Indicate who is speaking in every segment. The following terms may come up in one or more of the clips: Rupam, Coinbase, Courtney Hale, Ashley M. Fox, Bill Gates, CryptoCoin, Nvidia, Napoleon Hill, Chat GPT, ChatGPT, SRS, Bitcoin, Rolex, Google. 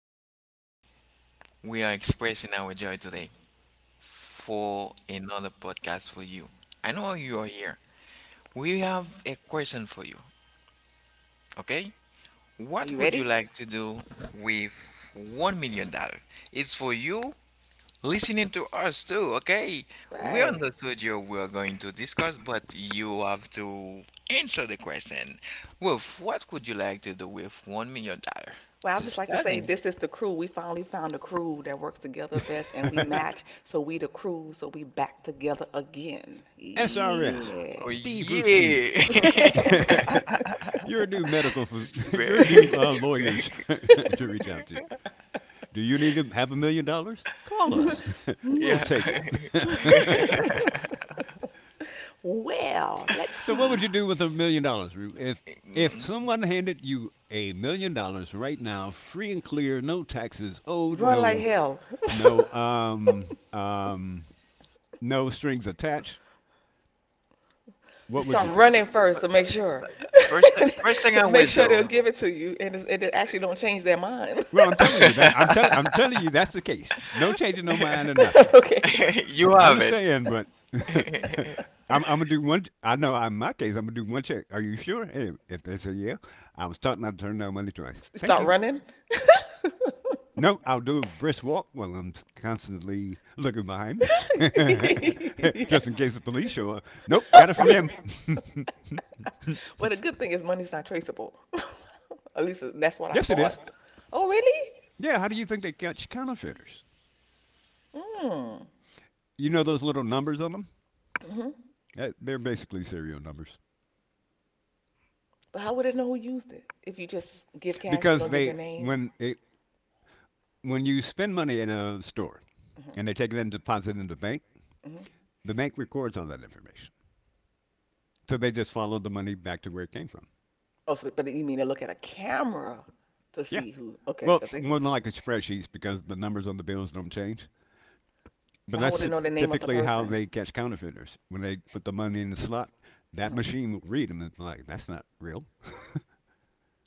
Speaker 1: way we are expressing our joy today for another podcast for you. I know you are here. We have a question for you, okay?
Speaker 2: Are
Speaker 1: What
Speaker 2: you
Speaker 1: would you
Speaker 2: ready?
Speaker 1: like to do with $1 million? It's for you listening to us too, okay? We
Speaker 2: Right.
Speaker 1: understood you were going to discuss, but you have to answer the question. Wolf, what would you like to do with $1 million?
Speaker 2: Well, I'd just
Speaker 1: Just
Speaker 2: like to
Speaker 1: tell
Speaker 2: say
Speaker 1: me.
Speaker 2: this is the crew. We finally found the crew that works together best and we match. So we the crew, so we back together again.
Speaker 3: SRS,
Speaker 1: Oh
Speaker 2: Yeah.
Speaker 3: Steve Roof Steve.
Speaker 1: yeah,
Speaker 3: You're a new medical,
Speaker 1: this is great.
Speaker 3: you're new
Speaker 1: This is
Speaker 3: lawyers
Speaker 1: great.
Speaker 3: to reach out to you. Do you need to have $1 million? Call us. We'll
Speaker 1: Yeah.
Speaker 3: take it.
Speaker 2: Well, let's
Speaker 3: So, what would you
Speaker 2: see.
Speaker 3: do with $1 million, Roof? If
Speaker 1: Mm,
Speaker 3: someone handed you $1 million right now, free and clear, no taxes owed,
Speaker 2: Run like hell.
Speaker 3: no um um no strings attached,
Speaker 2: You
Speaker 3: what would
Speaker 2: start
Speaker 3: you do?
Speaker 2: running
Speaker 1: if- uh,
Speaker 2: first to make sure,
Speaker 1: First,
Speaker 2: that's
Speaker 1: first thing
Speaker 2: the
Speaker 1: I
Speaker 2: to make
Speaker 1: will
Speaker 2: sure they'll
Speaker 1: do,
Speaker 2: give it to you, and and it actually don't change their mind.
Speaker 3: Well, I'm
Speaker 2: Right.
Speaker 3: telling you that I'm telling you that's the case. No changing no mind or nothing.
Speaker 2: Okay,
Speaker 1: you
Speaker 3: I
Speaker 1: have it.
Speaker 3: understand, but I'm gonna do one. I know in my case I'm gonna do one check. Are you sure? Hey, if they say yeah, I was taught not to turn down money twice.
Speaker 2: you
Speaker 3: Thank
Speaker 2: start
Speaker 3: you.
Speaker 2: running.
Speaker 3: No, I'll do a brisk walk while I'm constantly looking behind me,
Speaker 2: Yeah.
Speaker 3: just in case the police show up. Nope, got it from him.
Speaker 2: Well, the good thing is money's not traceable. At least that's what I
Speaker 3: Yes, it is.
Speaker 2: thought. Oh, really?
Speaker 3: Yeah, how do you think they catch counterfeiters?
Speaker 2: Mm.
Speaker 3: You know those little numbers on them?
Speaker 2: Mm-hmm.
Speaker 3: They're basically serial numbers.
Speaker 2: But how would it know who used it if you just give cash and you
Speaker 3: Because
Speaker 2: don't give
Speaker 3: they
Speaker 2: your name?
Speaker 3: when it when you spend money in a store
Speaker 2: Hmm.
Speaker 3: and they take it and deposit it in
Speaker 2: Hmm.
Speaker 3: the bank records all that information. So they just follow the money back to where it came from.
Speaker 2: Oh, so but you mean they look at a camera to
Speaker 3: Yeah.
Speaker 2: see who? Okay,
Speaker 3: Well,
Speaker 2: because they can.
Speaker 3: more than likely spreadsheets because the numbers on the bills don't change. But
Speaker 2: But how would
Speaker 3: that's
Speaker 2: they know the name of the
Speaker 3: typically how
Speaker 2: person?
Speaker 3: they catch counterfeiters. When they put the money in the slot, that
Speaker 2: Uh-huh.
Speaker 3: machine will read them and be like, that's not real.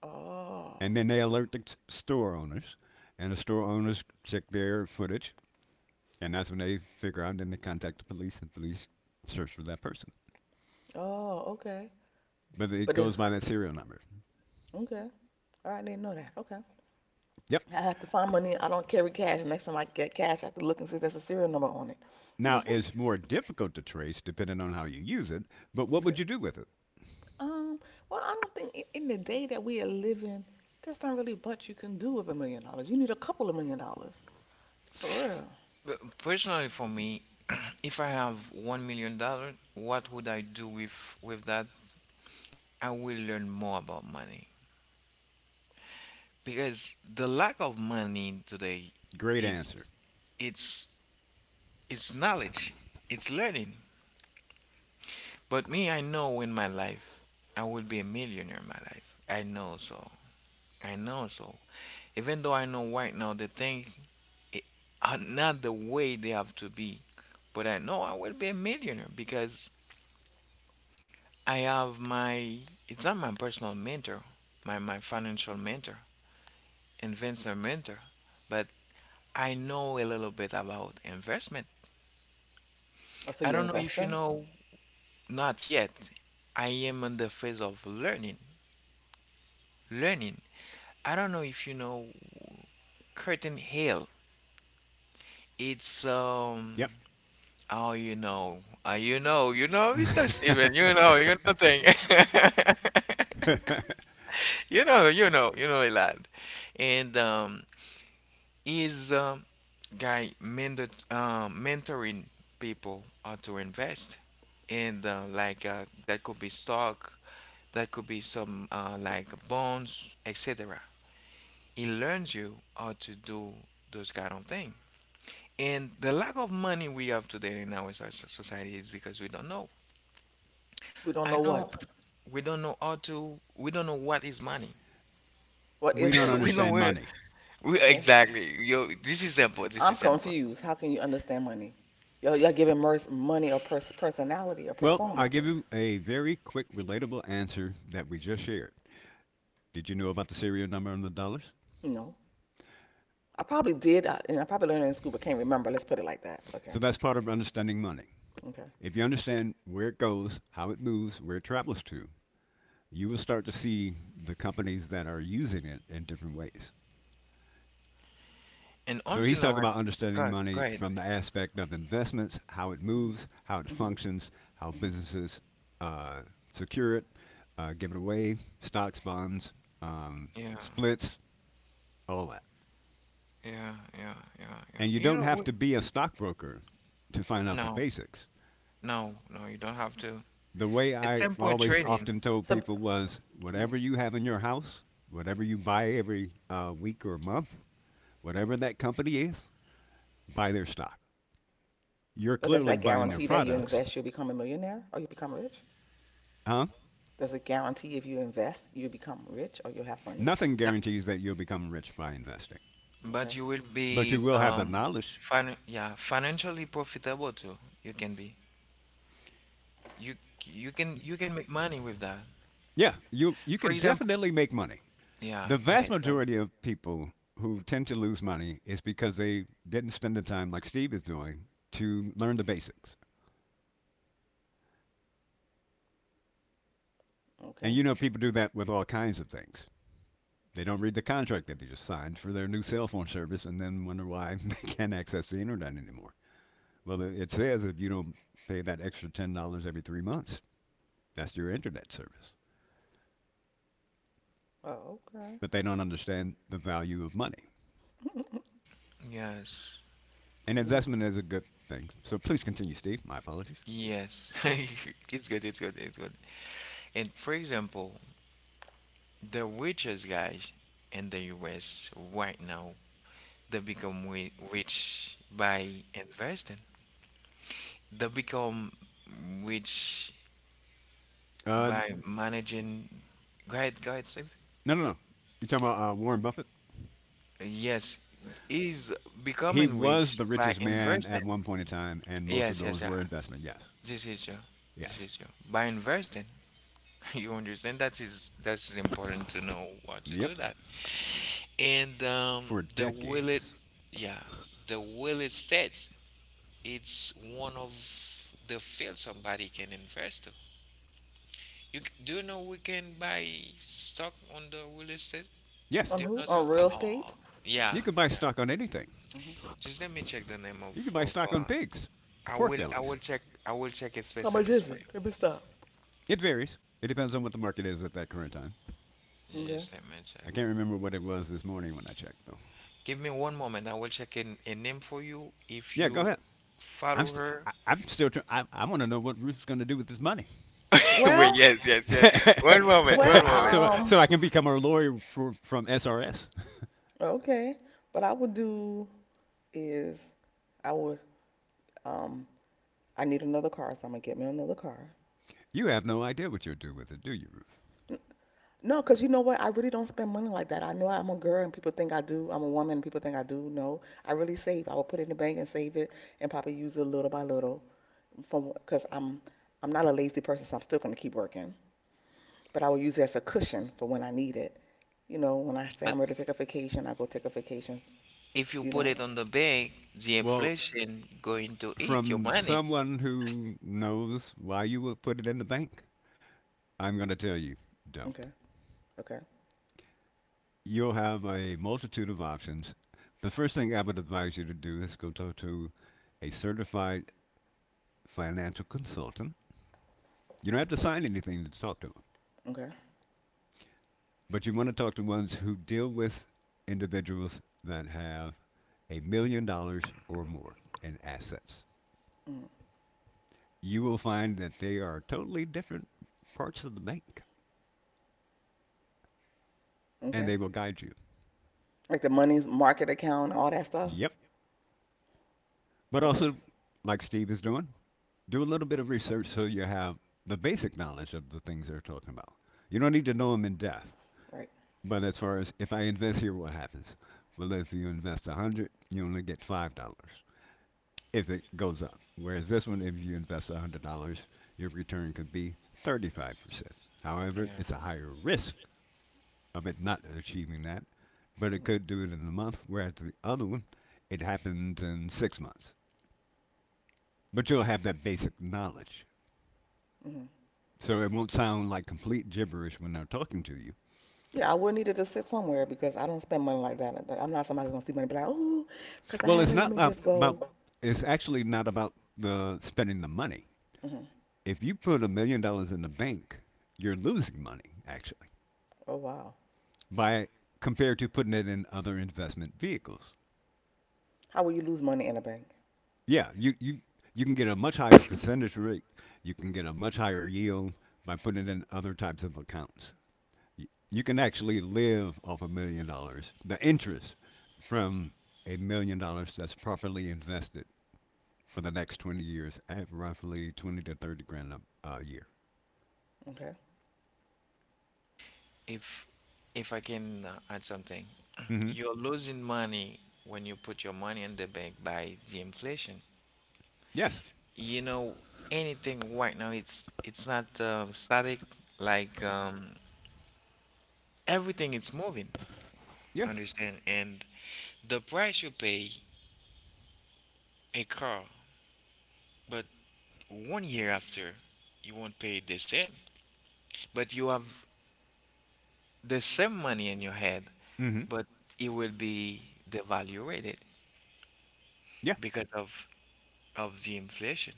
Speaker 2: Oh,
Speaker 3: And then they alert the store owners, and the store owners check their footage and that's when they figure out. Then they contact the police, and police search for that person.
Speaker 2: oh, okay.
Speaker 3: But it
Speaker 2: But if
Speaker 3: goes by that serial number.
Speaker 2: okay, all right, I didn't know that. Okay,
Speaker 3: Yep.
Speaker 2: I have to find money. I don't carry cash. Next time I get cash, I have to look and see if there's a serial number on it.
Speaker 3: Now it's more difficult to trace depending on how you use it. But what would
Speaker 2: Okay.
Speaker 3: you do with it?
Speaker 2: Um, well, I don't think in the day that we are living, there's not really much you can do with $1 million. You need a couple of million dollars. For real.
Speaker 1: But personally, for me, if I have $1 million, what would I do with that? I will learn more about money, because the lack of money today
Speaker 3: Great answer.
Speaker 1: it's it's it's knowledge, it's learning. But me, I know in my life I will be a millionaire in my life, I know so. Even though I know right now the things i- are not the way they have to be, but I know I will be a millionaire because I have my, it's not my personal mentor, my financial mentor, investor mentor. But I know a little bit about investment.
Speaker 2: Oh, so
Speaker 1: I
Speaker 2: you're
Speaker 1: don't know if you
Speaker 2: investing?
Speaker 1: know, not yet. I am in the phase of learning. Learning. I don't know if you know Curtain Hill. It's
Speaker 3: Yep.
Speaker 1: oh you know. You know, you know, Mr. Steven, you know thing. You know, you know, you know a lot. And is guy mentor mentoring people how to invest, and like that could be stock. That could be some like bones, etc. It learns you how to do those kind of things. And the lack of money we have today in our society is because we don't know.
Speaker 2: We don't
Speaker 1: I
Speaker 2: know
Speaker 1: know
Speaker 2: what.
Speaker 1: we don't know how to. We don't know what is money.
Speaker 2: What
Speaker 3: We
Speaker 2: is
Speaker 3: don't
Speaker 2: money?
Speaker 1: We know
Speaker 3: understand
Speaker 1: where.
Speaker 3: money.
Speaker 1: We
Speaker 2: Okay.
Speaker 1: exactly. Yo, this is simple. This is
Speaker 2: I'm
Speaker 1: simple.
Speaker 2: confused. How can you understand money? Y'all giving Merce money or personality or
Speaker 3: Well, I'll
Speaker 2: persona?
Speaker 3: give you a very quick, relatable answer that we just shared. Did you know about the serial number on the dollars?
Speaker 2: No. I probably did, and I probably learned it in school, but can't remember. Let's put it like that. Okay.
Speaker 3: So that's part of understanding money.
Speaker 2: Okay.
Speaker 3: If you understand where it goes, how it moves, where it travels to, you will start to see the companies that are using it in different ways.
Speaker 1: And
Speaker 3: So he's
Speaker 1: until
Speaker 3: talking
Speaker 1: now, I,
Speaker 3: about understanding
Speaker 1: go go
Speaker 3: money
Speaker 1: ahead.
Speaker 3: from the aspect of investments, how it
Speaker 2: hmm
Speaker 3: moves, how it
Speaker 2: Moves.
Speaker 3: functions, how
Speaker 2: Hmm. Hmm.
Speaker 3: businesses uh, secure it, give it away, stocks, bonds, um,
Speaker 1: Yeah,
Speaker 3: splits, all that.
Speaker 1: yeah.
Speaker 3: And you
Speaker 1: You
Speaker 3: don't
Speaker 1: don't.
Speaker 3: have
Speaker 1: We,
Speaker 3: to be a stockbroker to find out the
Speaker 1: no,
Speaker 3: basics.
Speaker 1: no, no. You don't have to.
Speaker 3: The way
Speaker 1: It's
Speaker 3: I
Speaker 1: simple
Speaker 3: always
Speaker 1: training.
Speaker 3: often told
Speaker 2: So,
Speaker 3: people
Speaker 2: the
Speaker 3: was whatever you have in your house, whatever you buy every week or month, whatever that company is, buy their stock. You're
Speaker 2: But does
Speaker 3: clearly
Speaker 2: that
Speaker 3: buying their
Speaker 2: guarantee that you
Speaker 3: products.
Speaker 2: invest, you'll become a millionaire or you become rich?
Speaker 3: Huh?
Speaker 2: Does it guarantee if you invest, you become rich or you have money?
Speaker 3: Nothing guarantees that you'll become rich by investing,
Speaker 1: But
Speaker 2: Okay.
Speaker 1: you will
Speaker 3: but you
Speaker 1: be
Speaker 3: will have the knowledge.
Speaker 1: fin yeah, financially profitable too. You can be. You you can make money with that.
Speaker 3: Yeah, you
Speaker 1: For
Speaker 3: can
Speaker 1: example,
Speaker 3: definitely make money.
Speaker 1: yeah,
Speaker 3: The vast
Speaker 1: great, great.
Speaker 3: majority of people who tend to lose money is because they didn't spend the time like Steve is doing to learn the basics.
Speaker 2: That's
Speaker 3: And
Speaker 2: okay.
Speaker 3: you know people do that with all kinds of things. They don't read the contract that they just signed for their new cell phone service and then wonder why they can't access the internet anymore. Well, it says if you don't pay that extra $10 every 3 months, that's your internet service.
Speaker 2: Oh, okay.
Speaker 3: But they don't understand the value of money.
Speaker 1: Yes.
Speaker 3: And
Speaker 2: You know,
Speaker 3: investment is a good thing. So please continue, Steve. My apologies.
Speaker 1: Yes. It's good, it's good. And for example, the richest guys in the US right now, they become rich by investing. They become rich
Speaker 3: Uh,
Speaker 1: by managing. Go ahead, Steve.
Speaker 3: no, no, no. You're talking about Warren Buffett?
Speaker 1: Yes, is
Speaker 3: He
Speaker 1: becoming
Speaker 3: was
Speaker 1: rich
Speaker 3: the
Speaker 1: by
Speaker 3: richest man at
Speaker 1: investing.
Speaker 3: one point in time, and most of
Speaker 1: Yes, yes,
Speaker 3: those
Speaker 1: yeah.
Speaker 3: were investment. Yes,
Speaker 1: This is you. This
Speaker 3: yes,
Speaker 1: is you. By investing, you understand that is important to know what to
Speaker 3: yep.
Speaker 1: do that. And
Speaker 3: For
Speaker 1: the will it,
Speaker 3: decades.
Speaker 1: yeah, the will it states it's one of the fields somebody can invest to. Do you know we can buy stock on the will estate?
Speaker 2: that
Speaker 3: Yes,
Speaker 2: on
Speaker 1: Do you
Speaker 2: who? Gives
Speaker 1: know so?
Speaker 2: on you real percent. Estate?
Speaker 1: Oh, yeah,
Speaker 3: you can buy
Speaker 1: yeah.
Speaker 3: stock on anything.
Speaker 2: Hmm.
Speaker 1: Just let me check the name
Speaker 3: You can
Speaker 1: of
Speaker 3: buy
Speaker 1: of.
Speaker 3: stock on
Speaker 1: uh,
Speaker 3: pigs,
Speaker 1: I
Speaker 3: pork
Speaker 1: will
Speaker 3: bellies.
Speaker 1: check a
Speaker 2: How much
Speaker 1: specialist
Speaker 2: is
Speaker 1: for
Speaker 2: it?
Speaker 1: you.
Speaker 2: Let me stop.
Speaker 3: It varies. It depends on what the market is at that current time.
Speaker 2: Okay.
Speaker 1: Yes, let me
Speaker 3: I
Speaker 1: check it.
Speaker 3: can't remember what it was this morning when I checked though.
Speaker 1: Give me one moment. I will check in a name for you if
Speaker 3: Yeah, go
Speaker 1: you
Speaker 3: ahead. I'm
Speaker 1: follow
Speaker 3: st-
Speaker 1: her.
Speaker 3: I, I'm still. I want to know what Ruth's going to do with this money,
Speaker 1: Wait,
Speaker 2: Well,
Speaker 1: yes, yes, yes. One
Speaker 2: y-
Speaker 1: moment, one
Speaker 2: well,
Speaker 1: moment.
Speaker 3: so
Speaker 2: um,
Speaker 3: so I can become a lawyer for, from SRS.
Speaker 2: okay. What I would do is I would um I need another car, so I'm gonna get me another car.
Speaker 3: You have no idea what you'll do with it, do you, Ruth?
Speaker 2: No, because you know what? I really don't spend money like that. I know I'm a girl and people think I do. I'm a woman and people think I do. No, I really save. I will put it in the bank and save it and probably use it little by little from because I'm not a lazy person, so I'm still going to keep working. But I will use it as a cushion for when I need it. You know, when I say I'm ready to take a vacation, I go take a vacation,
Speaker 1: If you
Speaker 2: you
Speaker 1: put
Speaker 2: know.
Speaker 1: it on the bank, the
Speaker 3: Well,
Speaker 1: inflation going to eat your
Speaker 3: from
Speaker 1: money.
Speaker 3: someone who knows why you would put it in the bank, I'm going to tell you,
Speaker 2: Okay,
Speaker 3: don't.
Speaker 2: okay,
Speaker 3: You'll have a multitude of options. The first thing I would advise you to do is go talk to a certified financial consultant. You don't have to sign anything to talk to them,
Speaker 2: okay,
Speaker 3: but you want to talk to ones who deal with individuals that have $1 million or more in assets.
Speaker 2: mm,
Speaker 3: You will find that they are totally different parts of the bank, and
Speaker 2: okay.
Speaker 3: they will guide you.
Speaker 2: Like the money's market account, all that stuff.
Speaker 3: Yep. But
Speaker 2: Okay,
Speaker 3: also, like Steve is doing, do a little bit of research so you have the basic knowledge of the things they're talking about. You don't need to know them in depth,
Speaker 2: right.
Speaker 3: but as far as if I invest here, what happens? Well, if you invest 100, you only get $5 if it goes up. Whereas this one, if you invest $100, your return could be 35%. However,
Speaker 1: Yeah.
Speaker 3: it's a higher risk of it not achieving that, but it
Speaker 2: Mm-hmm,
Speaker 3: could do it in a month, whereas the other one, it happens in 6 months. But you'll have that basic knowledge.
Speaker 2: mm-hmm.
Speaker 3: So it won't sound like complete gibberish when they're talking to you.
Speaker 2: Yeah, I would need it to sit somewhere because I don't spend money like that. I'm not somebody who's gonna see money, and be like, oh, because I
Speaker 3: Well,
Speaker 2: have it. Let me just
Speaker 3: about,
Speaker 2: go.
Speaker 3: it's actually not about the spending the money.
Speaker 2: Hmm.
Speaker 3: If you put $1 million in the bank, you're losing money, actually,
Speaker 2: Oh wow,
Speaker 3: by compared to putting it in other investment vehicles.
Speaker 2: how will you lose money in a bank?
Speaker 3: Yeah, you can get a much higher percentage rate. You can get a much higher yield by putting it in other types of accounts. You can actually live off $1 million. The interest from $1 million that's properly invested for the next 20 years at roughly 20 to 30 grand a year.
Speaker 2: Okay,
Speaker 1: If I can add something,
Speaker 3: Hmm.
Speaker 1: you're losing money when you put your money in the bank by the inflation.
Speaker 3: Yes.
Speaker 1: You know, anything right now it's not static like everything is moving,
Speaker 3: Yeah.
Speaker 1: understand? And the price you pay a car, but 1 year after, you won't pay the same. But you have the same money in your head,
Speaker 3: Hmm.
Speaker 1: but it will be devaluated
Speaker 3: Yeah.
Speaker 1: because of the inflation.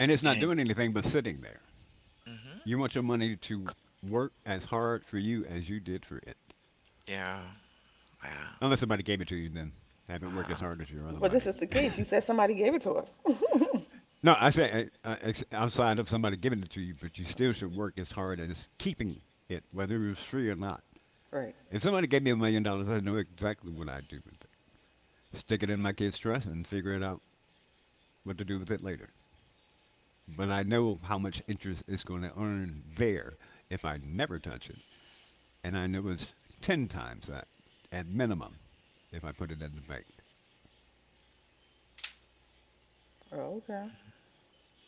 Speaker 3: And it's not
Speaker 1: And
Speaker 3: doing anything but sitting there.
Speaker 1: hmm
Speaker 3: You want your money to work as hard for you as you did for it.
Speaker 1: yeah, yeah,
Speaker 3: Unless somebody gave it to you, then have it work as
Speaker 1: uh-huh.
Speaker 3: hard as your other
Speaker 2: but this
Speaker 3: money.
Speaker 2: is the case. You said somebody gave it to us.
Speaker 3: No, I say outside of somebody giving it to you, but you still should work as hard as keeping it, whether it was free or not.
Speaker 2: Right.
Speaker 3: If somebody gave me $1 million, I know exactly what I'd do with it. Stick it in my kid's trust and figure it out what to do with it later. But I know how much interest it's going to earn there if I never touch it, and I know it's ten times that at minimum if I put it in the bank.
Speaker 2: Oh, okay.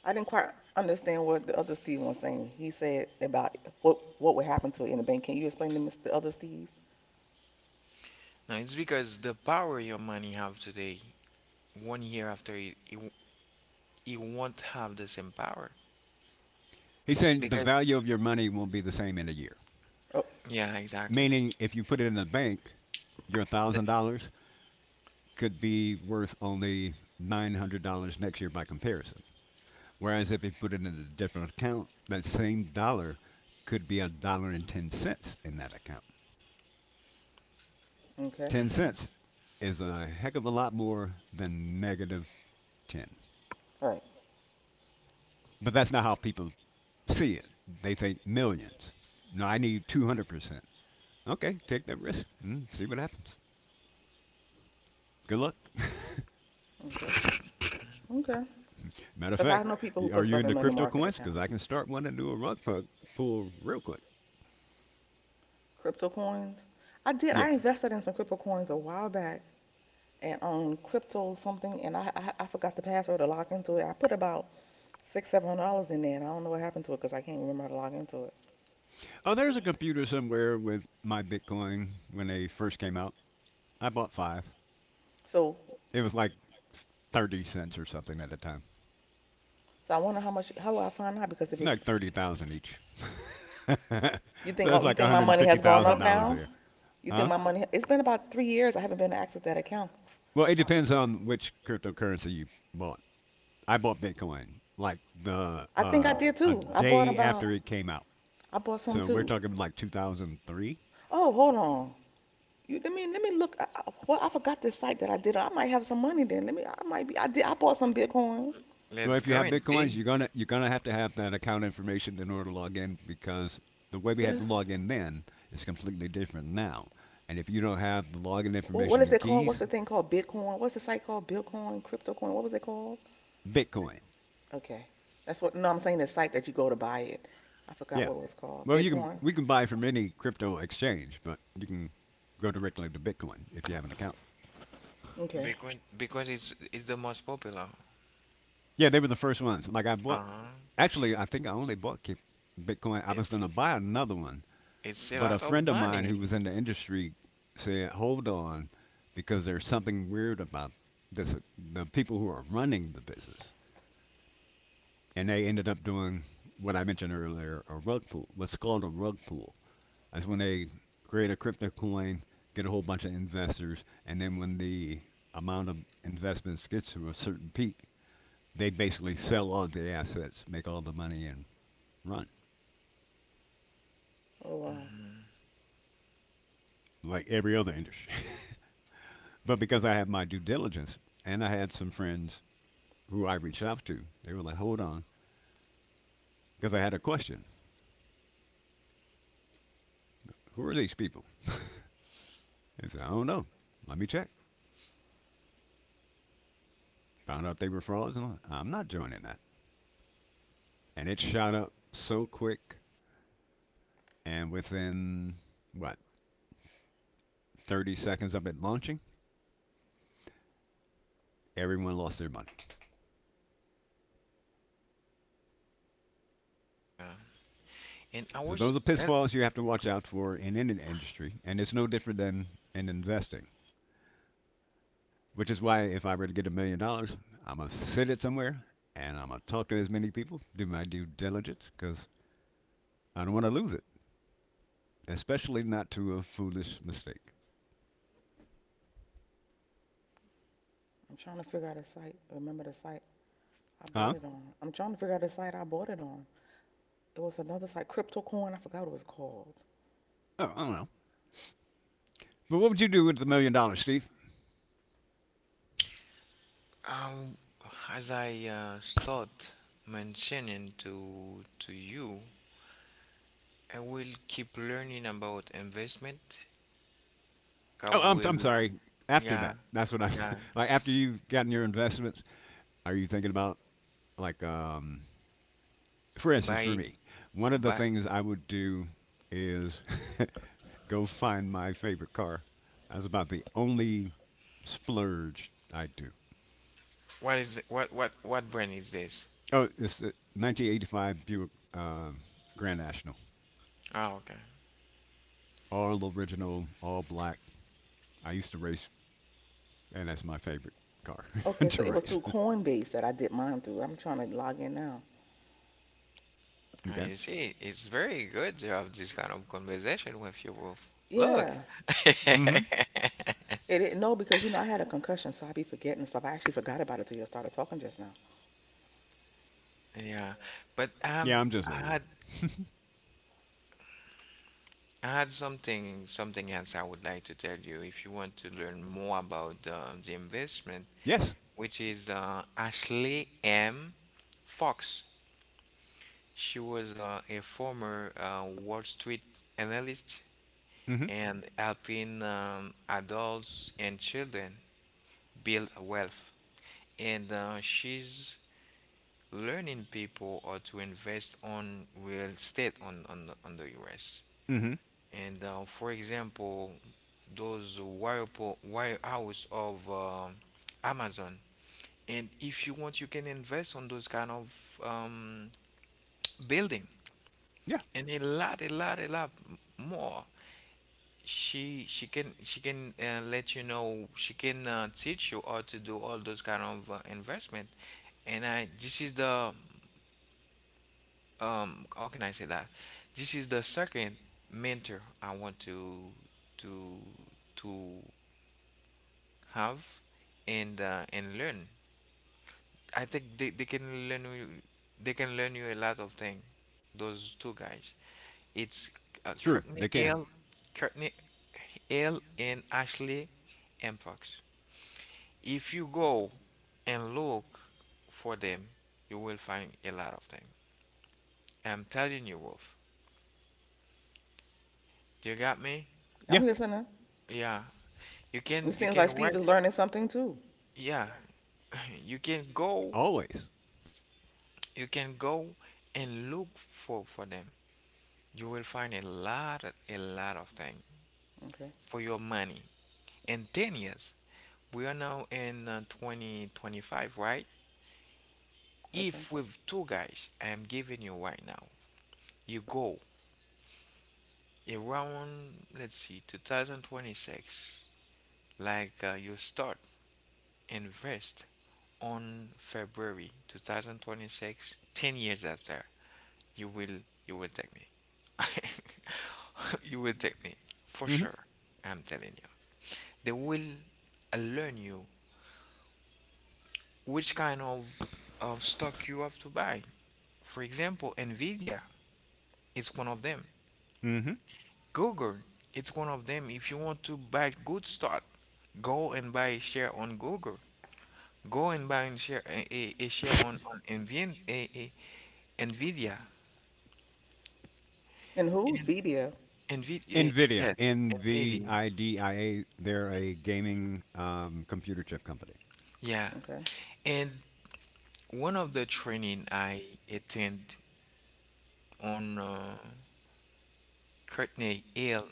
Speaker 2: I didn't quite understand what the other Steve was saying. He said about what would happen to it in the bank. Can you explain to Mr. the other Steve?
Speaker 1: No, it's because the power your money have today, 1 year after, it won't have the same power.
Speaker 3: He's saying the
Speaker 1: Because,
Speaker 3: value of your money won't be the same in a year.
Speaker 2: Oh,
Speaker 1: yeah, exactly.
Speaker 3: Meaning, if you put it in the bank, your one
Speaker 1: The-
Speaker 3: thousand dollars could be worth only $900 next year by comparison. Whereas if you put it in a different account, that same dollar could be a dollar and 10 cents in that account.
Speaker 2: okay.
Speaker 3: 10 cents
Speaker 1: mhm.
Speaker 3: is a heck of a lot more than negative ten.
Speaker 2: Right.
Speaker 3: But that's not how people see it. They think millions. No, I need 200%. Okay, take that risk. See what happens. Good luck.
Speaker 2: Okay. Okay.
Speaker 3: Matter of
Speaker 2: Because I
Speaker 3: fact,
Speaker 2: know people who
Speaker 3: are
Speaker 2: put
Speaker 3: you
Speaker 2: stuff in
Speaker 3: into
Speaker 2: money
Speaker 3: crypto
Speaker 2: market
Speaker 3: coins? Because
Speaker 2: account.
Speaker 3: I can start one and do a rug pull real quick.
Speaker 2: Crypto coins. I did. I
Speaker 3: Yeah.
Speaker 2: invested in some crypto coins a while back and on crypto something, and I forgot the password to log into it. I put about six seven hundred dollars in there, and I don't know what happened to it because I can't remember how to log into it.
Speaker 3: Oh, there's a computer somewhere with my Bitcoin when they first came out. I bought five.
Speaker 2: So
Speaker 3: It was like 30 cents or something at the time,
Speaker 2: so I wonder how will I find out because if it's
Speaker 3: like 30,000 each. So
Speaker 2: you think
Speaker 3: that's
Speaker 2: oh, you
Speaker 3: like
Speaker 2: think my money has gone up
Speaker 3: $150,000
Speaker 2: now?
Speaker 3: there.
Speaker 2: You think
Speaker 3: Huh?
Speaker 2: my money? It's been about 3 years. I haven't been to access that account.
Speaker 3: Well, it depends on which cryptocurrency you bought. I bought Bitcoin like the
Speaker 2: I think I did
Speaker 3: a
Speaker 2: too.
Speaker 3: day after it came out.
Speaker 2: I bought some
Speaker 3: So we're
Speaker 2: too.
Speaker 3: talking like 2003.
Speaker 2: Oh, hold on. You, let me look. Well, I forgot this site that I did. I might have some money then. Let me. I might be. I did. I bought some Bitcoin.
Speaker 3: Well,
Speaker 1: Let's
Speaker 3: if you
Speaker 1: go
Speaker 3: have
Speaker 1: and
Speaker 3: bitcoins,
Speaker 1: see.
Speaker 3: you're gonna have to have that account information in order to log in because the way we
Speaker 2: What?
Speaker 3: had to
Speaker 2: Else?
Speaker 3: log in then is completely different now. And if you don't have the login
Speaker 2: What
Speaker 3: information
Speaker 2: is it
Speaker 3: and
Speaker 2: called? What's
Speaker 3: keys,
Speaker 2: the thing called? Bitcoin? What's the site called? Bitcoin, CryptoCoin. What was it called?
Speaker 3: Bitcoin.
Speaker 2: Okay, that's what. No, I'm saying the site that you go to buy it. I forgot
Speaker 3: Yeah.
Speaker 2: what it was called.
Speaker 3: Well, you can
Speaker 2: Bitcoin.
Speaker 3: we can buy from any crypto exchange, but you can go directly to Bitcoin if you have an account.
Speaker 2: Okay.
Speaker 1: Bitcoin is the most popular.
Speaker 3: Yeah, they were the first ones. Like I bought,
Speaker 1: Uh-huh.
Speaker 3: actually, I think I only bought Bitcoin. I was
Speaker 1: It's
Speaker 3: going to buy another one,
Speaker 1: it's a
Speaker 3: but a
Speaker 1: lot of
Speaker 3: friend of mine who was
Speaker 1: money.
Speaker 3: in the industry said, "Hold on, because there's something weird about this. The people who are running the business, and they ended up doing what I mentioned earlier, a rug pool. What's called a rug pool. That's when they create a crypto coin, get a whole bunch of investors, and then when the amount of investments gets to a certain peak, they basically sell all the assets, make all the money, and run
Speaker 2: Oh wow.
Speaker 3: like every other industry. But because I had my due diligence and I had some friends who I reached out to, they were like, hold on, because I had a question. Who are these people? They said, I don't know. Let me check. Found out they were frauds, and I'm not joining that. And it shot up so quick, and within, what, 30 seconds of it launching, everyone lost their money.
Speaker 1: And I
Speaker 3: So
Speaker 1: was
Speaker 3: those are
Speaker 1: uh,
Speaker 3: pitfalls you have to watch out for in any industry, and it's no different than in investing. Which is why if I were to get $1 million, I'm gonna sit it somewhere and I'm gonna talk to as many people, do my due diligence, because I don't want to lose it, especially not to a foolish mistake.
Speaker 2: I'm trying to figure out a site. Remember the site I bought
Speaker 3: Huh?
Speaker 2: it on? I'm trying to figure out the site I bought it on. It was another site, CryptoCoin. I forgot what it was called.
Speaker 3: Oh, I don't know. But what would you do with the $1 million, Steve?
Speaker 1: um as I start mentioning to you, I will keep learning about investment. I
Speaker 3: Oh, I'm
Speaker 1: will
Speaker 3: sorry. After
Speaker 1: yeah,
Speaker 3: that, that's what I
Speaker 1: yeah.
Speaker 3: like. After you've gotten your investments, are you thinking about like for instance, for
Speaker 1: Buy
Speaker 3: me, one of the
Speaker 1: buy
Speaker 3: things I would do is go find my favorite car. That's about the only splurge I do.
Speaker 1: what what brand is this?
Speaker 3: Oh, it's the 1985 Buick Grand National.
Speaker 1: Oh, okay.
Speaker 3: All original, all black. I used to race, and that's my favorite car
Speaker 2: Okay, so
Speaker 3: to
Speaker 2: it was
Speaker 3: race.
Speaker 2: through Coinbase that I did mine through. I'm trying to log in now.
Speaker 3: Okay.
Speaker 1: You see, it's very good to have this kind of conversation with you both. Look.
Speaker 2: Yeah.
Speaker 3: Mm-hmm.
Speaker 2: It didn't know because you know I had a concussion, so I be forgetting stuff. I actually forgot about it till you started talking just now.
Speaker 1: Yeah, but
Speaker 3: Yeah, I'm just
Speaker 1: I
Speaker 3: old.
Speaker 1: had I had something else I would like to tell you if you want to learn more about the investment,
Speaker 3: Yes.
Speaker 1: which is Ashley M. Fox. She was a former Wall Street analyst,
Speaker 3: Mm-hmm.
Speaker 1: and helping adults and children build wealth. And she's learning people how to invest on real estate on the U.S.
Speaker 3: Mm-hmm.
Speaker 1: And for example, those warehouse of Amazon. And if you want, you can invest on those kind of building,
Speaker 3: Yeah.
Speaker 1: and a lot, a lot, a lot more. She can let you know, she can teach you how to do all those kind of investment. And I, this is the how can I say that? This is the second mentor I want to to have and learn. I think they can learn you, they can learn you a lot of things. Those two guys. It's
Speaker 3: True.
Speaker 1: Courtney
Speaker 3: They can.
Speaker 1: Hale, Courtney Hale and Ashley Mpox. If you go and look for them, you will find a lot of them. I'm telling you, Wolf. Do you got me?
Speaker 3: Yeah.
Speaker 2: I'm listening.
Speaker 1: Yeah.
Speaker 2: It
Speaker 1: You
Speaker 2: seems
Speaker 1: can
Speaker 2: like
Speaker 1: write.
Speaker 2: Steve is learning something too.
Speaker 1: Yeah. You can go.
Speaker 3: Always.
Speaker 1: You can go and look for them. You will find a lot, a lot of things
Speaker 2: Okay.
Speaker 1: for your money in 10 years. We are now in 2025, right?
Speaker 2: Okay.
Speaker 1: If with two guys, I am giving you right now, you go around, let's see, 2026, like you start invest on February 2026, 10 years after, you will you will take me. you will take me for
Speaker 3: Mm-hmm.
Speaker 1: sure. I'm telling you. They will learn you which kind of stock you have to buy. For example, Nvidia is one of them.
Speaker 3: Mm-hmm.
Speaker 1: Google, it's one of them. If you want to buy good stock, go and buy a share on Google. Go and buy and share a share on Nvidia, a, Nvidia,
Speaker 2: And who?
Speaker 1: and
Speaker 2: Video.
Speaker 1: Nvidia.
Speaker 3: Nvidia.
Speaker 1: Yes,
Speaker 3: N V
Speaker 1: Nvidia.
Speaker 3: I D I A. They're a gaming computer chip company.
Speaker 1: Yeah.
Speaker 2: Okay.
Speaker 1: And one of the training I attend on Courtney Hill,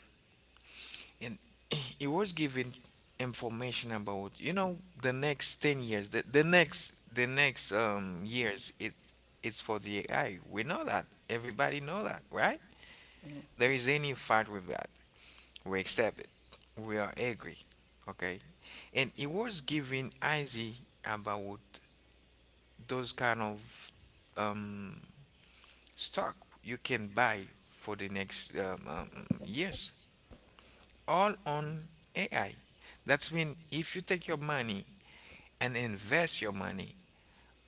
Speaker 1: and he was given information about, you know, the next 10 years, the next years, it it's for the AI. We know that, everybody know that, right?
Speaker 2: Mm.
Speaker 1: There is any fight with that, we accept it, we are angry, okay? And he was given easy about those kind of um stock you can buy for the next years, all on AI. That's mean if you take your money and invest your money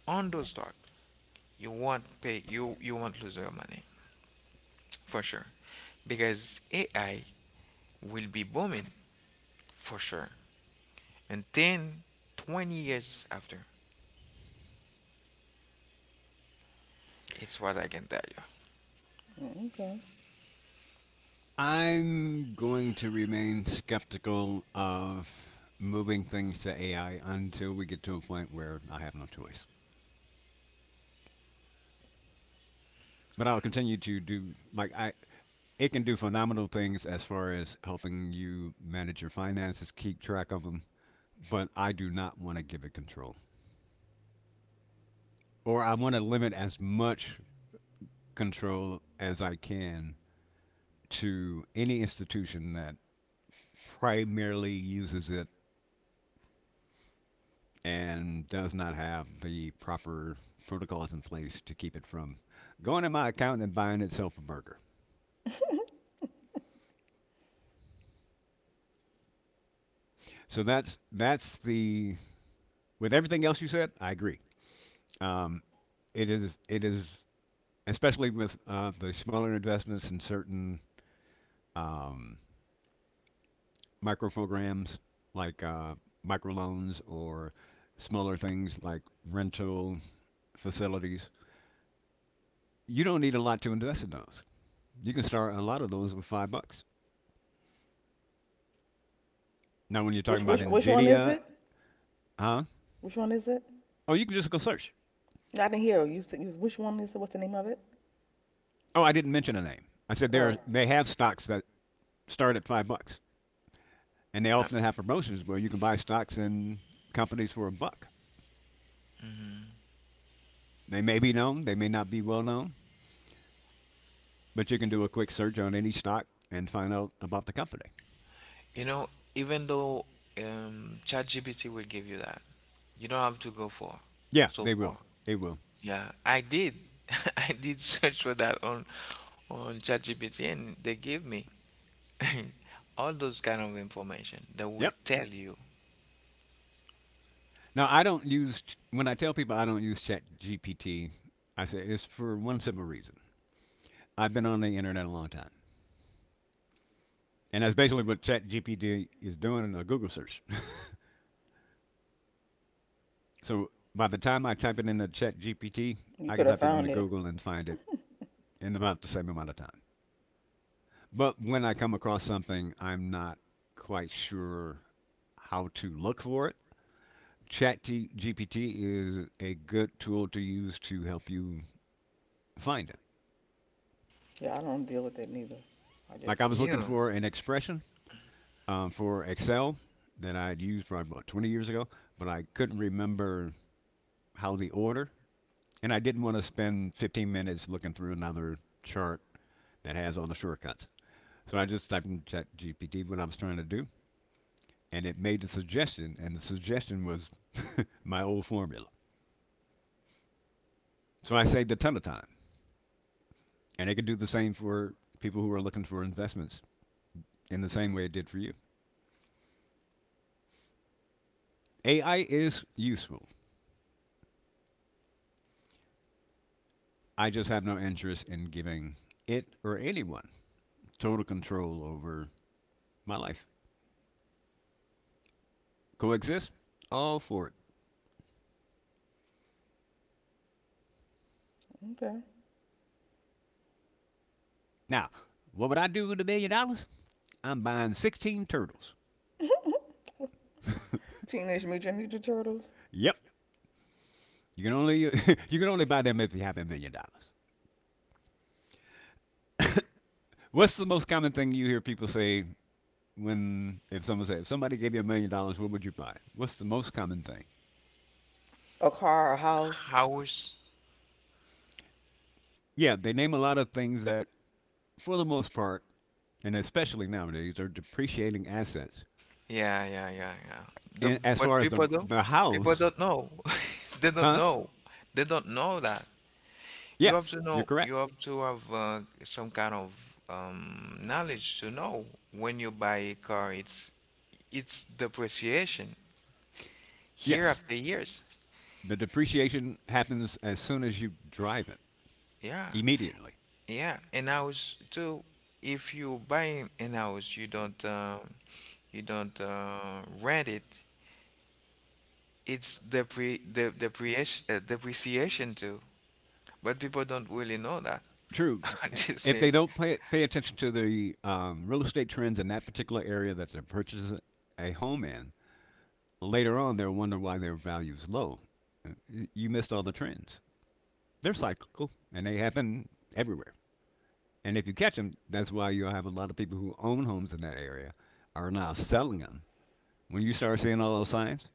Speaker 1: on those stocks, you won't lose your money for sure, because AI will be booming for sure. And 10, 20 years after, it's what I can tell you.
Speaker 2: Mm. Okay.
Speaker 3: I'm going to remain skeptical of moving things to AI until we get to a point where I have no choice. But I'll continue to do like I— it can do phenomenal things as far as helping you manage your finances, keep track of them, but I do not want to give it control. Or I want to limit as much control as I can to any institution that primarily uses it and does not have the proper protocols in place to keep it from going in my account and buying itself a burger. So that's the— with everything else you said, I agree. Um, it is especially with the smaller investments in certain um, micro programs like microloans or smaller things like rental facilities. You don't need a lot to invest in those. You can start a lot of those with $5. Now, when you're
Speaker 2: Which
Speaker 3: talking about
Speaker 2: which which one is
Speaker 3: Nvidia—
Speaker 2: it?
Speaker 3: Huh?
Speaker 2: Which one is it?
Speaker 3: Oh, you can just go search.
Speaker 2: I didn't hear you. Said, which one is it? What's the name of it?
Speaker 3: Oh, I didn't mention a name. I said there
Speaker 2: Oh,
Speaker 3: are, they have stocks that start at $5, and they often have promotions where you can buy stocks in companies for a buck.
Speaker 1: Mhm.
Speaker 3: They may be known, they may not be well known, but you can do a quick search on any stock and find out about the company.
Speaker 1: You know, even though ChatGPT will give you that, you don't have to go for
Speaker 3: Yeah,
Speaker 1: so
Speaker 3: they will.
Speaker 1: far.
Speaker 3: They will.
Speaker 1: Yeah, I did. I did search for that on ChatGPT, and they gave me all those kind of information that will
Speaker 3: Yep.
Speaker 1: tell you.
Speaker 3: Now I don't use— when I tell people I don't use Chat GPT. I say it's for one simple reason. I've been on the internet a long time, and that's basically what Chat GPT is doing in a Google search. So by the time I type it into Chat GPT,
Speaker 2: you
Speaker 3: I
Speaker 2: could
Speaker 3: can
Speaker 2: have
Speaker 3: type it
Speaker 2: found
Speaker 3: into
Speaker 2: it.
Speaker 3: Google and find it in about the same amount of time. But when I come across something, I'm not quite sure how to look for it. Chat GPT is a good tool to use to help you find it.
Speaker 2: Yeah, I don't deal with it neither. I just
Speaker 3: Like I was looking
Speaker 1: Yeah.
Speaker 3: for an expression for Excel that I'd used probably about 20 years ago, but I couldn't remember how the order, and I didn't want to spend 15 minutes looking through another chart that has all the shortcuts. So I just typed in Chat GPT what I was trying to do, and it made the suggestion, and the suggestion was my old formula. So I saved a ton of time, and it could do the same for people who are looking for investments in the same way it did for you. AI is useful. I just have no interest in giving it or anyone total control over my life. Coexist? All for it.
Speaker 2: okay.
Speaker 3: Now, what would I do with $1 million? I'm buying 16 turtles.
Speaker 2: Teenage Mutant Ninja Turtles.
Speaker 3: Yep. You can only you can only buy them if you have $1 million. What's the most common thing you hear people say when— if someone say— if somebody gave you $1 million, what would you buy? What's the most common thing?
Speaker 2: A car, a house.
Speaker 1: House.
Speaker 3: Yeah, they name a lot of things that, for the most part, and especially nowadays, are depreciating assets.
Speaker 1: Yeah, yeah, yeah, yeah. The,
Speaker 3: And as
Speaker 1: but
Speaker 3: far as
Speaker 1: people don't,
Speaker 3: the
Speaker 1: people
Speaker 3: house—
Speaker 1: don't know. They don't
Speaker 3: huh?
Speaker 1: know. They don't know that. You
Speaker 3: Yeah,
Speaker 1: have to
Speaker 3: you're
Speaker 1: know,
Speaker 3: correct.
Speaker 1: you have to have some kind of knowledge to know when you buy a car, it's depreciation year
Speaker 3: Yes,
Speaker 1: after years.
Speaker 3: the depreciation happens as soon as you drive it,
Speaker 1: Yeah,
Speaker 3: immediately.
Speaker 1: yeah. And house too, if you buy an house, you don't rent it. It's depre the depreciation depreciation too. But people don't really know that.
Speaker 3: True.
Speaker 1: They
Speaker 3: If they
Speaker 1: said,
Speaker 3: don't pay, pay attention to the real estate trends in that particular area that they're purchasing a home in, later on they'll wonder why their value's low. You missed all the trends. They're cyclical and they happen everywhere. And if you catch them, that's why you'll have a lot of people who own homes in that area are now selling them. When you start seeing all those signs,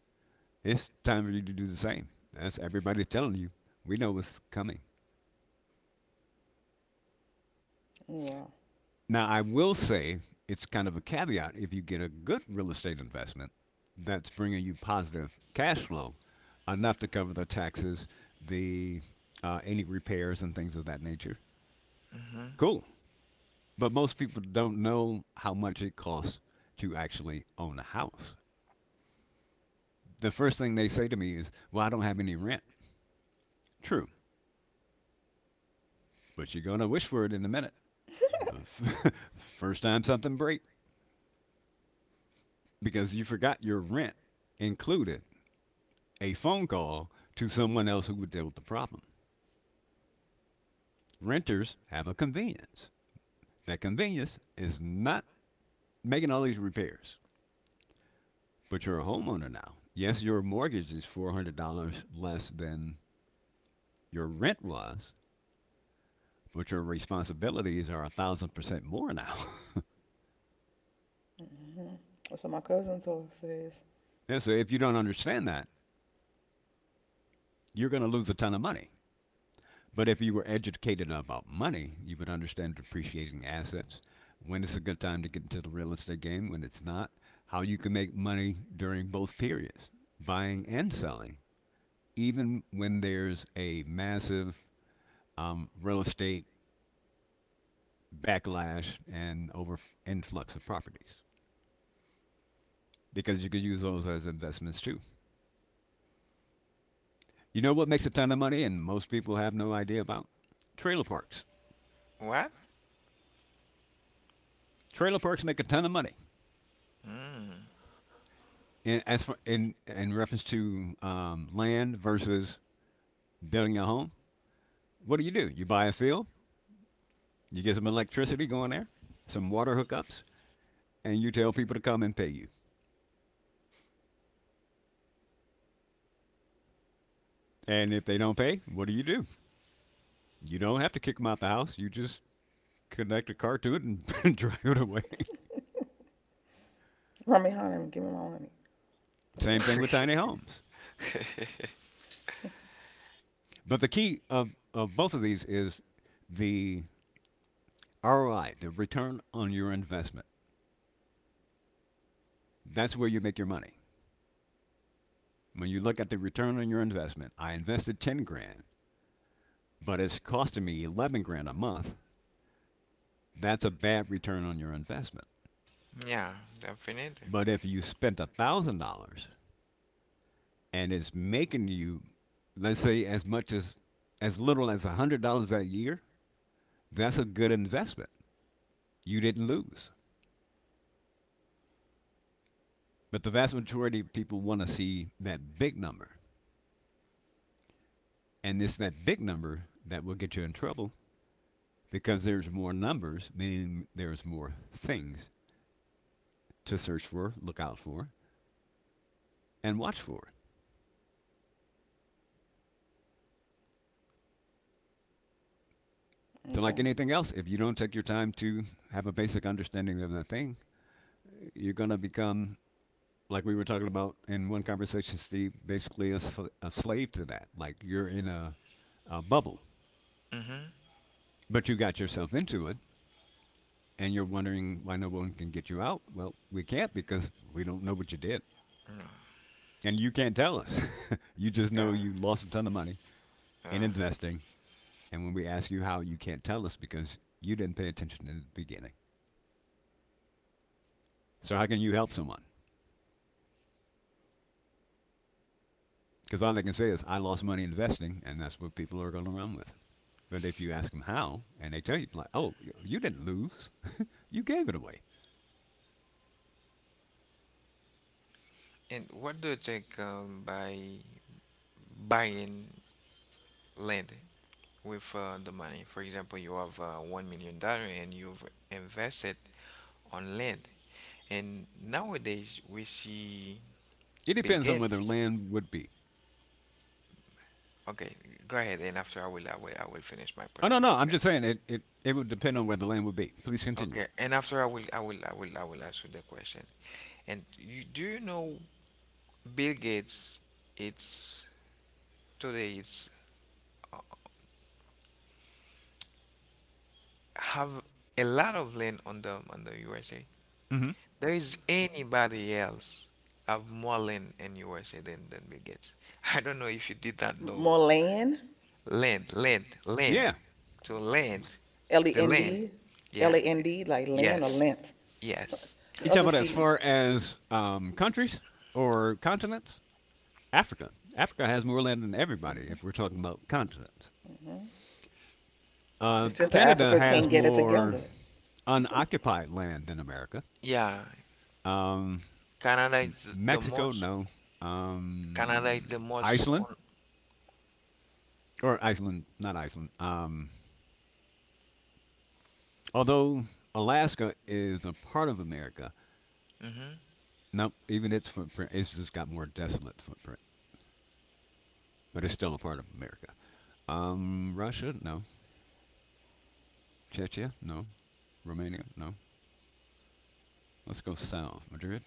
Speaker 3: it's time for you to do the same. That's everybody telling you. We know what's coming.
Speaker 2: Oh, wow.
Speaker 3: Now, I will say it's kind of a caveat. If you get a good real estate investment that's bringing you positive cash flow, enough to cover the taxes, the any repairs and things of that nature,
Speaker 1: hmm
Speaker 3: cool. But most people don't know how much it costs to actually own a house. The first thing they say to me is, "Well, I don't have any rent." True, but you're gonna wish for it in a minute. The first time something break because you forgot your rent included a phone call to someone else who would deal with the problem. Renters have a convenience. That convenience is not making all these repairs. But you're a homeowner now. Yes, your mortgage is $400 less than your rent was, but your responsibilities are 1,000% more now.
Speaker 2: Hmm. That's what my cousin told says.
Speaker 3: Yeah, so if you don't understand that, you're going to lose a ton of money. But if you were educated about money, you would understand depreciating assets, when it's a good time to get into the real estate game, when it's not, how you can make money during both periods, buying and selling, even when there's a massive real estate backlash and over influx of properties, because you could use those as investments too. You know what makes a ton of money, and most people have no idea about— trailer parks.
Speaker 1: what?
Speaker 3: Trailer parks make a ton of money.
Speaker 1: Mm.
Speaker 3: In as far, in reference to land versus building a home, what do? You buy a field, you get some electricity going there, some water hookups, and you tell people to come and pay you. And if they don't pay, what do? You don't have to kick them out the house. You just connect a car to it and drive it away.
Speaker 2: Run behind him. Give me my money. Quit
Speaker 3: Same
Speaker 2: playing
Speaker 3: thing
Speaker 2: with
Speaker 3: with
Speaker 2: me.
Speaker 3: tiny homes. But the key of both of these is the ROI, the return on your investment. That's where you make your money. When you look at the return on your investment, I invested 10 grand, but it's costing me 11 grand a month, that's a bad return on your investment.
Speaker 1: Yeah, definitely.
Speaker 3: But if you spent $1,000 and it's making you, let's say, as much as little as $100 a year, that's a good investment. You didn't lose. But the vast majority of people want to see that big number. And it's that big number that will get you in trouble because there's more numbers, meaning there's more things to search for, look out for, and watch for. So, like
Speaker 2: Okay.
Speaker 3: anything else, if you don't take your time to have a basic understanding of the thing, you're going to become, like we were talking about in one conversation, Steve, basically a, a slave to that. Like you're in a bubble,
Speaker 1: Mm-hmm.
Speaker 3: but you got yourself into it and you're wondering why no one can get you out. Well, we can't because we don't know what you did. And you can't tell us. You just know
Speaker 1: Uh,
Speaker 3: you lost a ton of money
Speaker 1: uh,
Speaker 3: in investing. And when we ask you how, you can't tell us because you didn't pay attention in the beginning. So, how can you help someone? Because all they can say is, I lost money investing, and that's what people are going to run with. But if you ask them how, and they tell you, like, oh, you didn't lose, you gave it away.
Speaker 1: and what do you think by buying land with the money? For example, you have $1 million and you've invested on land. And nowadays we see
Speaker 3: It
Speaker 1: Bill
Speaker 3: depends on where the
Speaker 1: Gates.
Speaker 3: land would be.
Speaker 1: Okay, go ahead. And after I will, I will finish my
Speaker 3: Oh,
Speaker 1: point
Speaker 3: no,
Speaker 1: of view.
Speaker 3: no, I'm
Speaker 1: Okay.
Speaker 3: just saying it would depend on where the land would be. Please continue.
Speaker 1: Okay, and after I will, I will ask you the question. And you, do you know Bill Gates? It's today. It's uh, have a lot of land on the USA.
Speaker 3: Mm-hmm.
Speaker 1: There is anybody else have more land in USA than Bill Gates. I don't know if you did that know
Speaker 2: More land.
Speaker 1: land, land, land,
Speaker 3: Yeah.
Speaker 1: land,
Speaker 2: L E
Speaker 1: the
Speaker 2: N
Speaker 1: land.
Speaker 2: D, L
Speaker 1: Yeah,
Speaker 2: A N D, like land or
Speaker 1: yes,
Speaker 2: length. So,
Speaker 1: yes,
Speaker 3: You
Speaker 2: the
Speaker 3: talk
Speaker 2: other
Speaker 3: about as
Speaker 2: Stephen.
Speaker 3: far as countries or continents? Africa. Africa has more land than everybody
Speaker 2: Hmm.
Speaker 3: if we're talking about continents.
Speaker 2: Hmm. It's just that
Speaker 3: Canada
Speaker 2: Africa
Speaker 3: has
Speaker 2: can't get it
Speaker 3: more
Speaker 2: together.
Speaker 3: unoccupied land than America.
Speaker 1: yeah.
Speaker 3: Um,
Speaker 1: Canada
Speaker 3: M-
Speaker 1: is the
Speaker 3: Mexico,
Speaker 1: most.
Speaker 3: no.
Speaker 1: Canada is the most
Speaker 3: Iceland,
Speaker 1: on.
Speaker 3: or Iceland, not Iceland. Although Alaska is a part of America.
Speaker 1: Hmm
Speaker 3: No, even its footprint, it's just got more desolate footprint, but it's still a part of America. Russia, no. Chechnya, no. Romania, no. Let's go south. Madrid,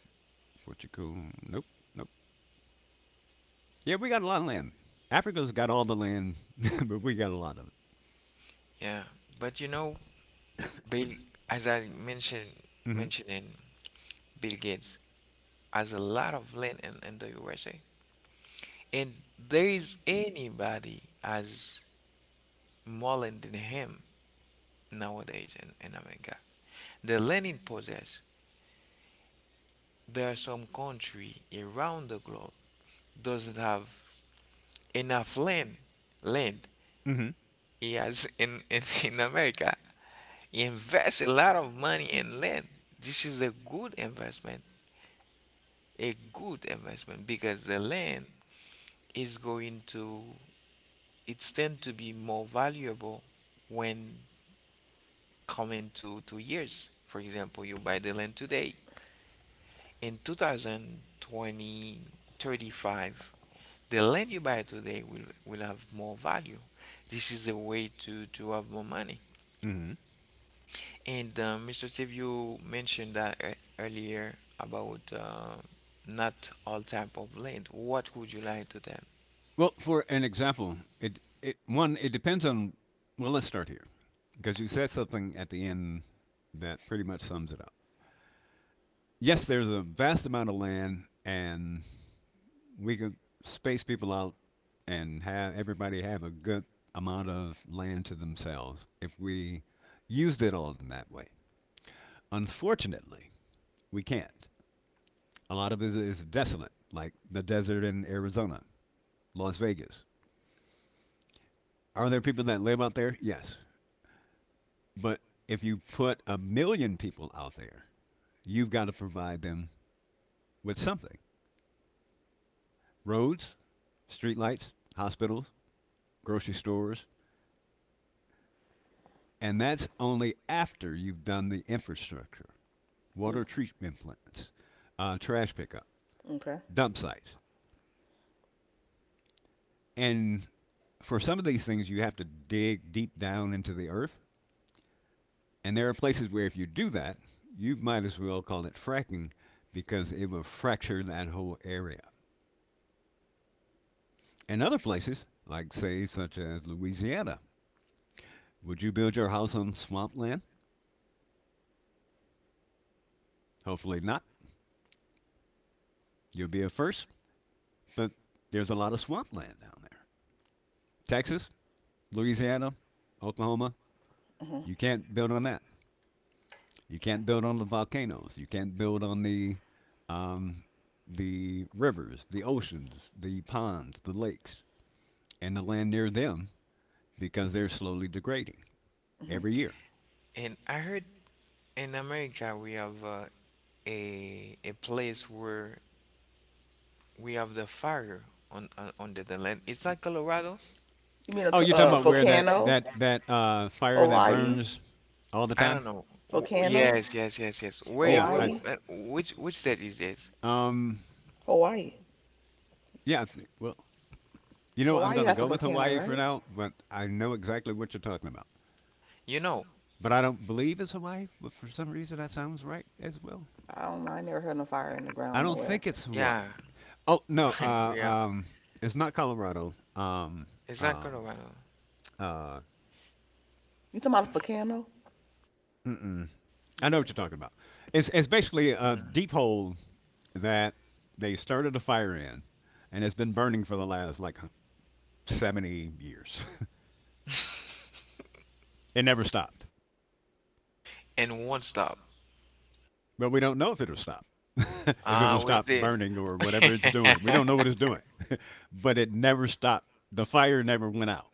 Speaker 3: Portugal, nope, nope. Yeah, we got a lot of land. Africa's got all the land, but we got a lot of
Speaker 1: yeah, but you know Bill, as I mentioned,
Speaker 3: it. Mm-hmm,
Speaker 1: mentioning Bill Gates has a lot of land in the USA, and there is anybody as more land than him nowadays in America. The land he possess. There are some country around the globe doesn't have enough land. Land
Speaker 3: mm-hmm,
Speaker 1: he has in in America. He invests a lot of money in land. This is a good investment because the land is going to, it's tend to be more valuable when coming to 2 years. For example, you buy the land today. In 2020, 35, the land you buy today will have more value. This is a way to have more money.
Speaker 3: mm-hmm.
Speaker 1: And Mr. Steve, you mentioned that earlier about not all type of land. What would you like to them?
Speaker 3: Well, for an example, it one it depends on. Well, let's start here because you said something at the end that pretty much sums it up. Yes, there's a vast amount of land, and we could space people out and have everybody have a good amount of land to themselves if we used it all in that way. Unfortunately, we can't. A lot of it is desolate, like the desert in Arizona, Las Vegas. Are there people that live out there? Yes. But if you put a million people out there, you've got to provide them with something: roads, streetlights, hospitals, grocery stores, and that's only after you've done the infrastructure,
Speaker 2: Mm,
Speaker 3: water treatment plants, trash pickup,
Speaker 2: okay.
Speaker 3: dump sites. And for some of these things, you have to dig deep down into the earth. And there are places where if you do that, you might as well call it fracking because it will fracture that whole area. And other places, like say such as Louisiana. Would you build your house on swampland? Hopefully not. You'll be a first, but there's a lot of swampland down there. Texas, Louisiana, Oklahoma,
Speaker 2: Hmm.
Speaker 3: you can't build on that. You can't build on the volcanoes. You can't build on um, the rivers, the oceans, the ponds, the lakes, and the land near them because they're slowly degrading
Speaker 2: Hmm.
Speaker 3: every year.
Speaker 1: And I heard in America we have a place where we have the fire the land. Is that Colorado.
Speaker 2: You mean a
Speaker 3: Oh, you're talking about where that that that uh, fire that
Speaker 2: Hawaii,
Speaker 3: burns all the
Speaker 1: I
Speaker 3: time?
Speaker 1: don't know.
Speaker 2: volcano,
Speaker 1: Yes, yes, yes, yes. Wait,
Speaker 3: Yeah,
Speaker 1: wait,
Speaker 3: I
Speaker 2: Hawaii,
Speaker 1: which state is this?
Speaker 3: um
Speaker 2: Hawaii.
Speaker 3: yeah, I thi- well, you know, I'm
Speaker 2: Hawaii
Speaker 3: going to
Speaker 2: has a
Speaker 3: go with
Speaker 2: volcano,
Speaker 3: Hawaii for
Speaker 2: right?
Speaker 3: now, but I know exactly what you're talking about.
Speaker 1: You know?
Speaker 3: But I don't believe it's Hawaii, but for some reason that sounds right as well.
Speaker 2: I don't know. I never heard no fire in the
Speaker 3: I
Speaker 2: ground
Speaker 3: don't
Speaker 2: nowhere.
Speaker 3: think it's Hawaii.
Speaker 1: Yeah,
Speaker 3: Oh, no,
Speaker 1: yeah.
Speaker 3: it's not Colorado.
Speaker 1: Is that
Speaker 3: Um
Speaker 1: Colorado.
Speaker 3: uh
Speaker 2: You talking about a volcano?
Speaker 3: mm-mm. I know what
Speaker 2: Okay.
Speaker 3: you're talking about. It's basically
Speaker 1: Hmm
Speaker 3: a deep hole that they started a fire in and it's been burning for the last like 70 years. It never stopped.
Speaker 1: And one stop.
Speaker 3: But we don't know if it'll stop. If
Speaker 1: Ah,
Speaker 3: it'll
Speaker 1: we
Speaker 3: stop
Speaker 1: see.
Speaker 3: burning or whatever it's doing. We don't know what it's doing. But it never stopped. The fire never went out.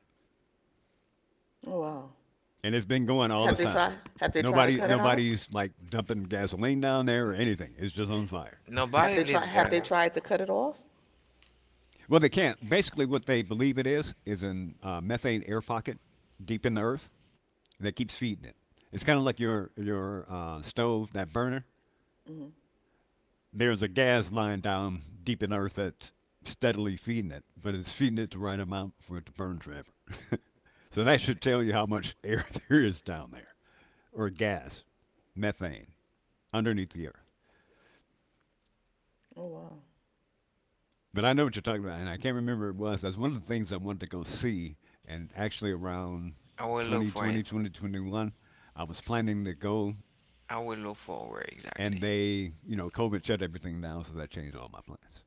Speaker 2: Oh wow.
Speaker 3: And it's been going all
Speaker 2: Have
Speaker 3: this
Speaker 2: they
Speaker 3: time.
Speaker 2: tried? Have they tried to
Speaker 3: Nobody
Speaker 2: cut it out?
Speaker 3: nobody's like dumping gasoline down there or anything. It's just on fire.
Speaker 2: Have
Speaker 1: Nobody
Speaker 2: they tried?
Speaker 1: lives
Speaker 2: Have
Speaker 1: there.
Speaker 2: they tried to cut it off?
Speaker 3: Well, they can't. Basically what they believe it is an methane air pocket deep in the earth that keeps feeding it. It's kind of like your stove, that burner.
Speaker 2: Hmm.
Speaker 3: There's a gas line down deep in earth that's steadily feeding it, but it's feeding it the right amount for it to burn forever. So that should tell you how much air there is down there, or gas, methane, underneath the earth.
Speaker 2: Oh wow.
Speaker 3: But I know what you're talking about, and I can't remember what it was. That's one of the things I wanted to go see, and actually around
Speaker 1: I will look for
Speaker 3: 2020,
Speaker 1: it.
Speaker 3: 2021, I was planning to go,
Speaker 1: I will look for where
Speaker 3: and
Speaker 1: exactly.
Speaker 3: they, you know, COVID shut everything down, so that changed all my plans.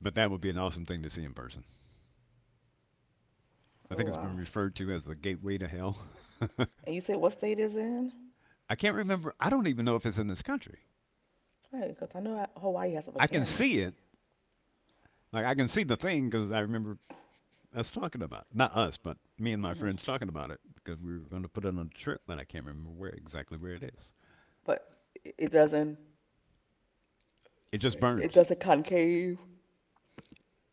Speaker 3: But that would be an awesome thing to see in person. I
Speaker 2: Oh
Speaker 3: think it's been
Speaker 2: wow.
Speaker 3: referred to as the gateway to hell.
Speaker 2: And you said what state is it in?
Speaker 3: I can't remember. I don't even know if it's in this country.
Speaker 2: Right, because I know Hawaii has a
Speaker 3: I can
Speaker 2: volcano.
Speaker 3: see it. Like I can see the thing because I remember us talking about it. Not us, but me and my
Speaker 2: Mhm.
Speaker 3: friends talking about it because we were going to put it on a trip, but I can't remember where exactly where it is.
Speaker 2: But it doesn't.
Speaker 3: It just
Speaker 2: It
Speaker 3: burns.
Speaker 2: doesn't concave.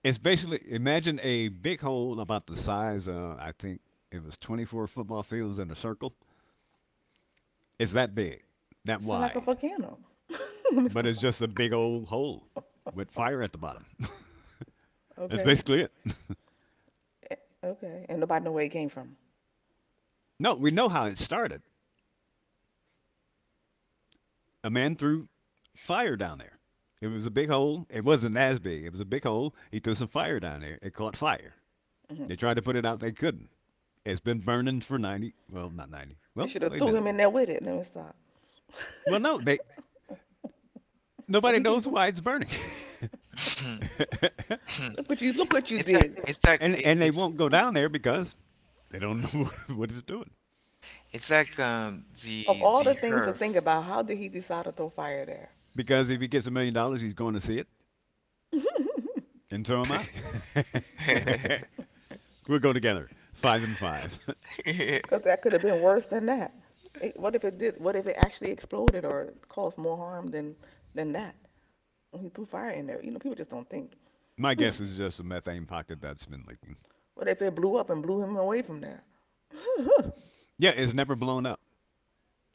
Speaker 3: It's basically imagine a big hole about the size of I think it was 24 football fields in a circle. It's that big, that
Speaker 2: It sounds like a
Speaker 3: wide,
Speaker 2: volcano. Let me
Speaker 3: but it's
Speaker 2: stop.
Speaker 3: just a big old hole with fire at the bottom. That's
Speaker 2: Okay.
Speaker 3: basically it.
Speaker 2: Eh, okay, and nobody know where it came from.
Speaker 3: No, we know how it started. A man threw fire down there. It was a big hole. It wasn't as big. It was a big hole. He threw some fire down there. It caught fire.
Speaker 2: Hmm.
Speaker 3: They tried to put it out. They couldn't. It's been burning for 90. Well, not 90.
Speaker 2: They
Speaker 3: Well,
Speaker 2: should have
Speaker 3: wait a
Speaker 2: threw
Speaker 3: minute.
Speaker 2: him in there with it. Let me stop.
Speaker 3: Well, no, they
Speaker 2: So
Speaker 3: nobody
Speaker 2: he
Speaker 3: knows
Speaker 2: can.
Speaker 3: why it's burning,
Speaker 2: Look what you
Speaker 1: It's like
Speaker 2: did.
Speaker 1: it's like
Speaker 3: and and they won't go down there because they don't know what it's doing.
Speaker 1: it's like
Speaker 2: Of all
Speaker 1: the
Speaker 2: the things to
Speaker 1: herb.
Speaker 2: think about, how did he decide to throw fire there?
Speaker 3: Because if he gets $1 million, he's going to see it, and so am I. We'll go together, five and five.
Speaker 2: Because that could have been worse than that. What if it did? What if it actually exploded or caused more harm than that? When he threw fire in there, people just don't think.
Speaker 3: My guess is just a methane pocket that's been leaking.
Speaker 2: What if it blew up and blew him away from there? Oh,
Speaker 3: Yeah, it's never blown up.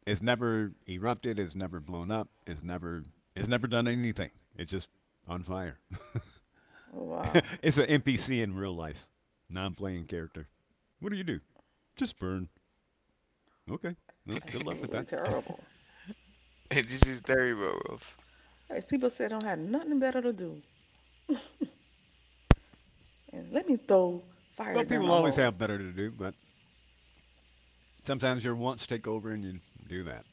Speaker 3: It's never erupted. It's never blown up. It's never done anything. It's just on fire.
Speaker 2: wow,
Speaker 3: It's an NPC in real life, non-playing character. What do you do? Just burn. Okay. Well, good luck with
Speaker 2: absolutely
Speaker 3: that.
Speaker 2: terrible.
Speaker 1: This is terrible, Rolf.
Speaker 2: Hey, people said don't have nothing better to do, and let me throw
Speaker 3: Well,
Speaker 2: fire down
Speaker 3: people
Speaker 2: a
Speaker 3: always
Speaker 2: hole.
Speaker 3: have better to do, but sometimes your wants take over and you do that,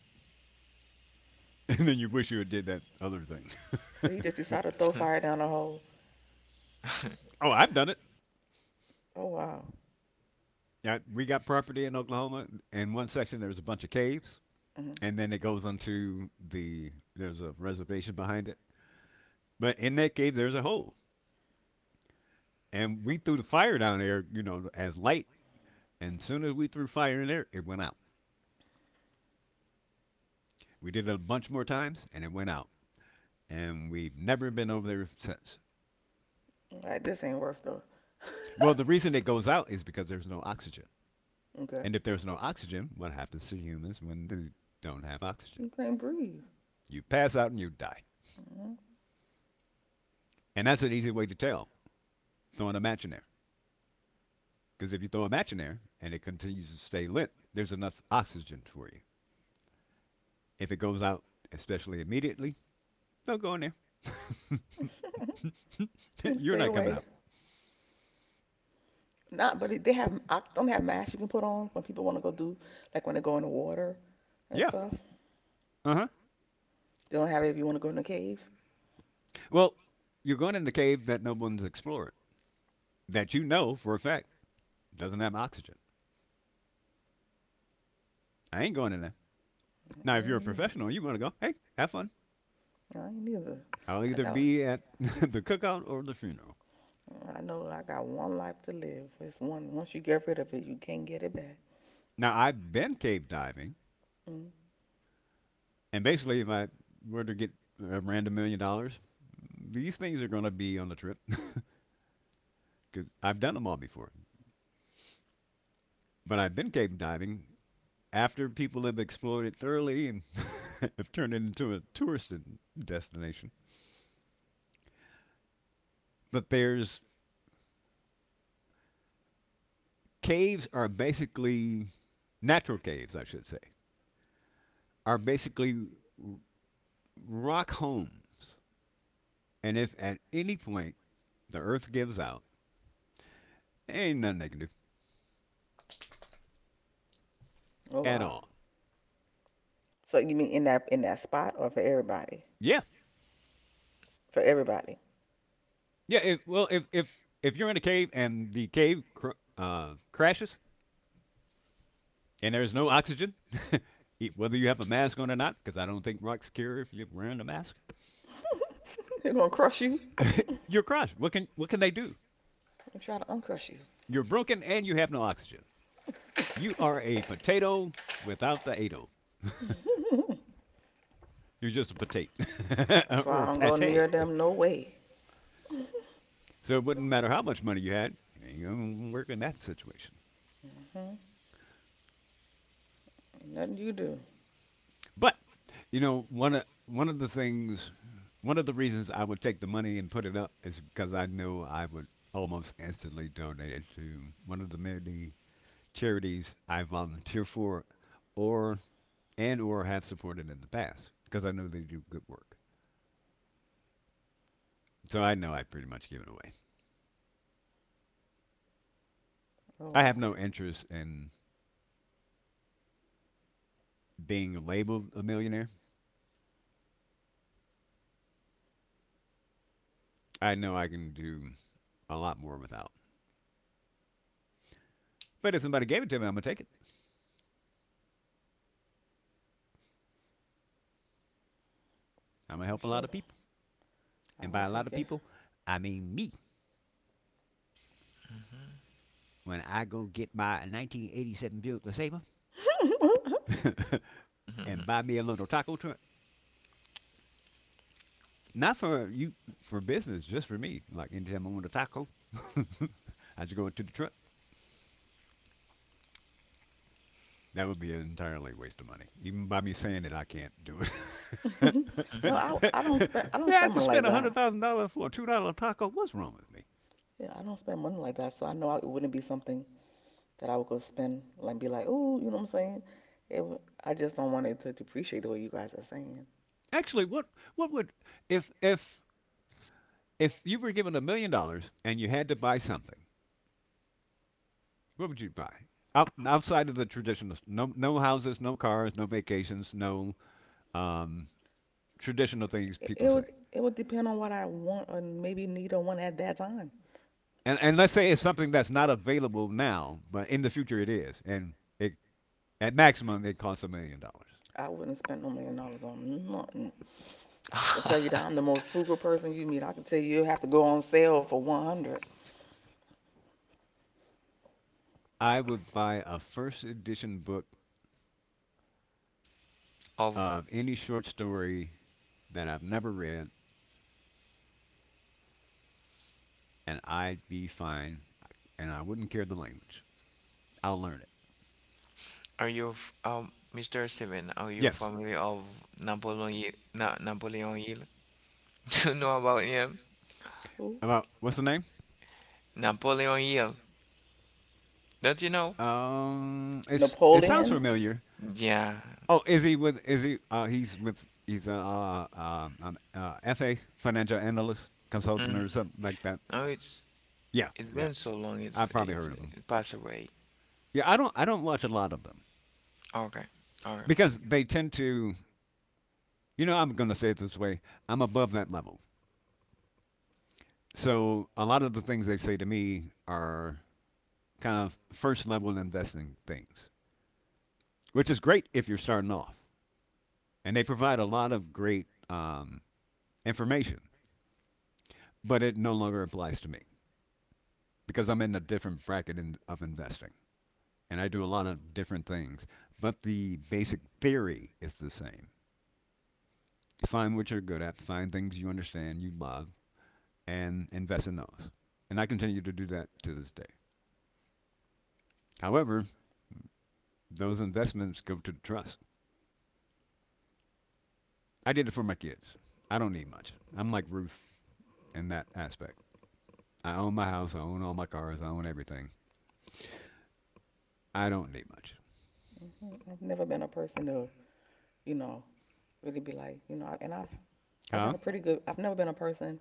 Speaker 3: and then you wish you had did that other thing.
Speaker 2: So he just decided to throw fire down a hole.
Speaker 3: Oh, I've done it.
Speaker 2: Oh wow,
Speaker 3: Now, we got property in Oklahoma. In one section, there's a bunch of caves,
Speaker 2: hmm
Speaker 3: and then it goes onto the there's a reservation behind it. But in that cave, there's a hole, and we threw the fire down there, you know, as light. And as soon as we threw fire in there, it went out. We did it a bunch more times, and it went out. And we've never been over there since.
Speaker 2: like this ain't worth the.
Speaker 3: Well, the reason it goes out is because there's no oxygen.
Speaker 2: Okay,
Speaker 3: And if there's no oxygen, what happens to humans when they don't have oxygen?
Speaker 2: you can't breathe.
Speaker 3: You pass out and you die.
Speaker 2: Hmm.
Speaker 3: And that's an easy way to tell, throwing a match in there. Because if you throw a match in there and it continues to stay lit, there's enough oxygen for you. If it goes out, especially immediately, don't go in there. You're
Speaker 2: Stay
Speaker 3: not coming
Speaker 2: away.
Speaker 3: out.
Speaker 2: Not, but they have. I don't have masks you can put on when people want to go do, like when they go in the water and
Speaker 3: Yeah.
Speaker 2: stuff.
Speaker 3: Uh huh.
Speaker 2: They don't have it if you want to go in the cave.
Speaker 3: Well, you're going in the cave that no one's explored, that you know for a fact doesn't have oxygen. I ain't going in there. Now,
Speaker 2: I
Speaker 3: if you're a
Speaker 2: ain't neither.
Speaker 3: professional, you want to go, hey, have fun.
Speaker 2: I ain't neither.
Speaker 3: I'll
Speaker 2: I
Speaker 3: either
Speaker 2: got.
Speaker 3: be at the cookout or the funeral.
Speaker 2: I know I got one life to live. It's one. Once you get rid of it, you can't get it back.
Speaker 3: Now, I've been cave diving,
Speaker 2: Mm.
Speaker 3: and basically, if I were to get a random $1 million, these things are going to be on the trip because I've done them all before. But I've been cave diving after people have explored it thoroughly and have turned it into a tourist destination. But there's caves are basically natural caves, I should say, are basically rock homes. And if at any point the earth gives out, ain't nothing they can do
Speaker 2: Oh
Speaker 3: at
Speaker 2: wow.
Speaker 3: all.
Speaker 2: So you mean in that spot or for everybody?
Speaker 3: Yeah,
Speaker 2: For everybody.
Speaker 3: yeah. If, well, if if you're in a cave and the cave crashes, and there's no oxygen, whether you have a mask on or not, because I don't think Rock's cure if you're wearing a mask.
Speaker 2: They're gonna crush you. And
Speaker 3: You're crushed. What can they do?
Speaker 2: try to uncrush you.
Speaker 3: You're broken and you have no oxygen. You are a potato without the ado. You're just a potato
Speaker 2: That's why
Speaker 3: or
Speaker 2: I
Speaker 3: a
Speaker 2: don't go near
Speaker 3: pate.
Speaker 2: them no way.
Speaker 3: So it wouldn't matter how much money you had. You ain't gonna work in that situation.
Speaker 2: Hmm. Ain't nothing you do.
Speaker 3: But you know, one of the things, one of the reasons I would take the money and put it up is because I know I would almost instantly donate it to one of the many charities I volunteer for, or and or have supported in the past because I know they do good work. So I know I pretty much give it away.
Speaker 2: Oh
Speaker 3: I have
Speaker 2: wow.
Speaker 3: no interest in being labeled a millionaire. I know I can do a lot more without. But if somebody gave it to me, I'm gonna take it. I'm gonna
Speaker 2: I
Speaker 3: help a lot
Speaker 2: sure
Speaker 3: of people, and by
Speaker 2: I'll
Speaker 3: a lot
Speaker 2: take
Speaker 3: of
Speaker 2: it.
Speaker 3: people, I mean me. When I go get my 1987 Buick LeSabre and buy me a little taco truck. Not for you, for business, just for me. Like anytime I want a taco, I just go into the truck. That would be an entirely waste of money. Even by me saying that I can't do
Speaker 2: No,
Speaker 3: it.
Speaker 1: Mhm.
Speaker 2: I don't
Speaker 3: Yeah, I
Speaker 2: spend
Speaker 3: just
Speaker 2: money
Speaker 3: spent
Speaker 2: like
Speaker 3: a hundred
Speaker 2: that.
Speaker 3: thousand dollars for a $2 taco. What's wrong with me?
Speaker 2: Yeah, I don't spend money like that. So I know it wouldn't be something that I would go spend like be like, oh, you know what I'm saying? It would, I just don't want it to depreciate the way you guys are saying.
Speaker 3: Actually, what would if if if you were given $1 million and you had to buy something, what would you buy? Out, outside of the traditional, no, no houses, no cars, no vacations, no um, traditional things
Speaker 2: It,
Speaker 3: people
Speaker 2: it
Speaker 3: say.
Speaker 2: would it would depend on what I want or maybe need or want at that time.
Speaker 3: And let's say it's something that's not available now, but in the future it is. And it, at maximum, it costs $1,000,000.
Speaker 2: I wouldn't spend no million dollars on nothing. I tell you that I'm the most frugal person you meet. I can tell you have to go on sale for 100.
Speaker 3: I would buy a first edition book
Speaker 1: Of
Speaker 3: of any short story that I've never read, and I'd be fine, and I wouldn't care the language. I'll learn it.
Speaker 1: are you Mr. Steven, are you
Speaker 3: Yes.
Speaker 1: family of Napoleon Hill, Na Napoleon Hill? Do you know about him?
Speaker 2: Who?
Speaker 3: About, what's the name?
Speaker 1: Napoleon Hill. Don't you know?
Speaker 3: It sounds
Speaker 2: Napoleon?
Speaker 3: familiar.
Speaker 1: Yeah.
Speaker 3: Oh, is he with? Is he? He's with. He's a FA financial analyst, consultant, or
Speaker 1: Mm.
Speaker 3: something like that.
Speaker 1: No, it's
Speaker 3: Yeah,
Speaker 1: it's
Speaker 3: yeah.
Speaker 1: been so long,
Speaker 3: I've probably heard of him.
Speaker 1: it passed away.
Speaker 3: Yeah, I don't watch a lot of them
Speaker 1: Okay. Okay.
Speaker 3: because they tend to. I'm going to say it this way. I'm above that level, so a lot of the things they say to me are kind of first level investing things, which is great if you're starting off, and they provide a lot of great information, but it no longer applies to me because I'm in a different bracket in, of investing, and I do a lot of different things. But the basic theory is the same. Find what you're good at, find things you understand, you love, and invest in those. And I continue to do that to this day. However, those investments go to the trust. I did it for my kids. I don't need much. I'm like Ruth in that aspect. I own my house, I own all my cars, I own everything. I don't need much.
Speaker 2: Mhm. I've never been a person to, you know, really be like, and I've I got
Speaker 3: Huh?
Speaker 2: a pretty good. I've never been a person